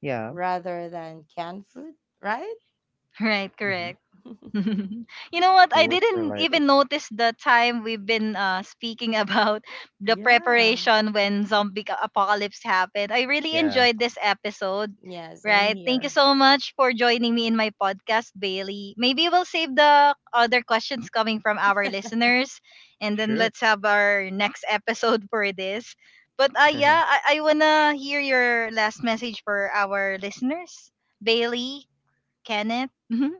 S3: Yeah.
S2: rather than canned food, right?
S1: Right,
S3: Mm-hmm. Of
S1: correct. You know what? I
S3: course they're
S1: didn't
S3: lighter.
S1: even notice the time we've been speaking about the
S2: Yeah.
S1: preparation when zombie apocalypse happened. I really
S3: Yeah.
S1: enjoyed this episode,
S2: Yeah, same
S1: right? Thank you
S2: here.
S1: so much for joining me in my podcast, Bailey. Maybe we'll save the other questions coming from our listeners, and then
S3: Sure.
S1: let's have our next episode for this. But yeah, I want to hear your last message for our listeners, Bailey, Kenneth. Mm-hmm.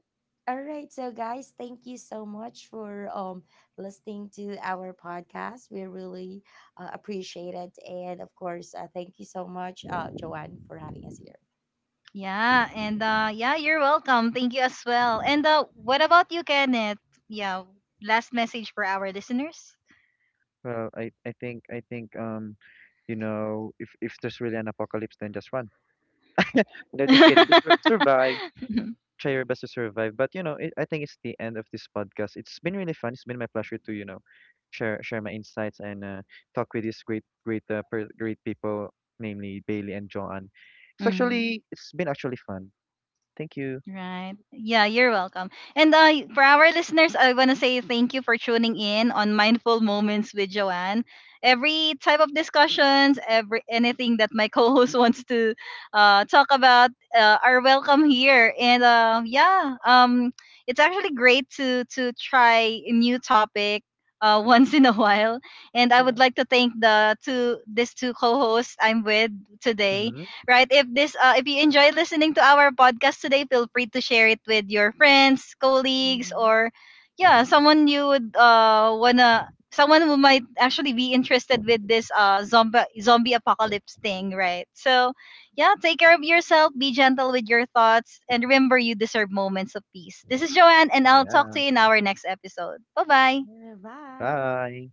S2: All right, so guys, thank you so much for, listening to our podcast. We really, appreciate it, and of course, thank you so much, Joanne, for having us here.
S1: Yeah, and yeah, you're welcome. Thank you as well. And what about you, Kenneth? Yeah, last message for our listeners.
S3: Well, I think, you know, if there's really an apocalypse, then just run. No, just kidding. Just survive. Try your best to survive. But you know, it, I think it's the end of this podcast. It's been really fun. It's been my pleasure to, you know, share my insights, and, talk with these great, great people, namely Bailey and Joanne. It's
S1: Mhm.
S3: actually, it's been actually fun. Thank you.
S1: Right. Yeah, you're welcome. And for our listeners, I want to say thank you for tuning in on Mindful Moments with Joanne. Every type of discussions, every anything that my co-host wants to talk about are welcome here. And yeah, it's actually great to try a new topic once in a while. And I would
S2: Yeah.
S1: like to thank the two these two co-hosts I'm with today,
S3: Mm-hmm.
S1: right? If this, if you enjoy listening to our podcast today, feel free to share it with your friends, colleagues,
S2: Mm-hmm.
S1: or yeah, someone you would someone who might actually be interested with this zombie apocalypse thing, right? So yeah, take care of yourself, be gentle with your thoughts, and remember you deserve moments of peace. This is Joanne, and I'll talk
S3: Yeah.
S1: to you in our next episode. Bye bye.
S2: Yeah, bye.
S3: Bye.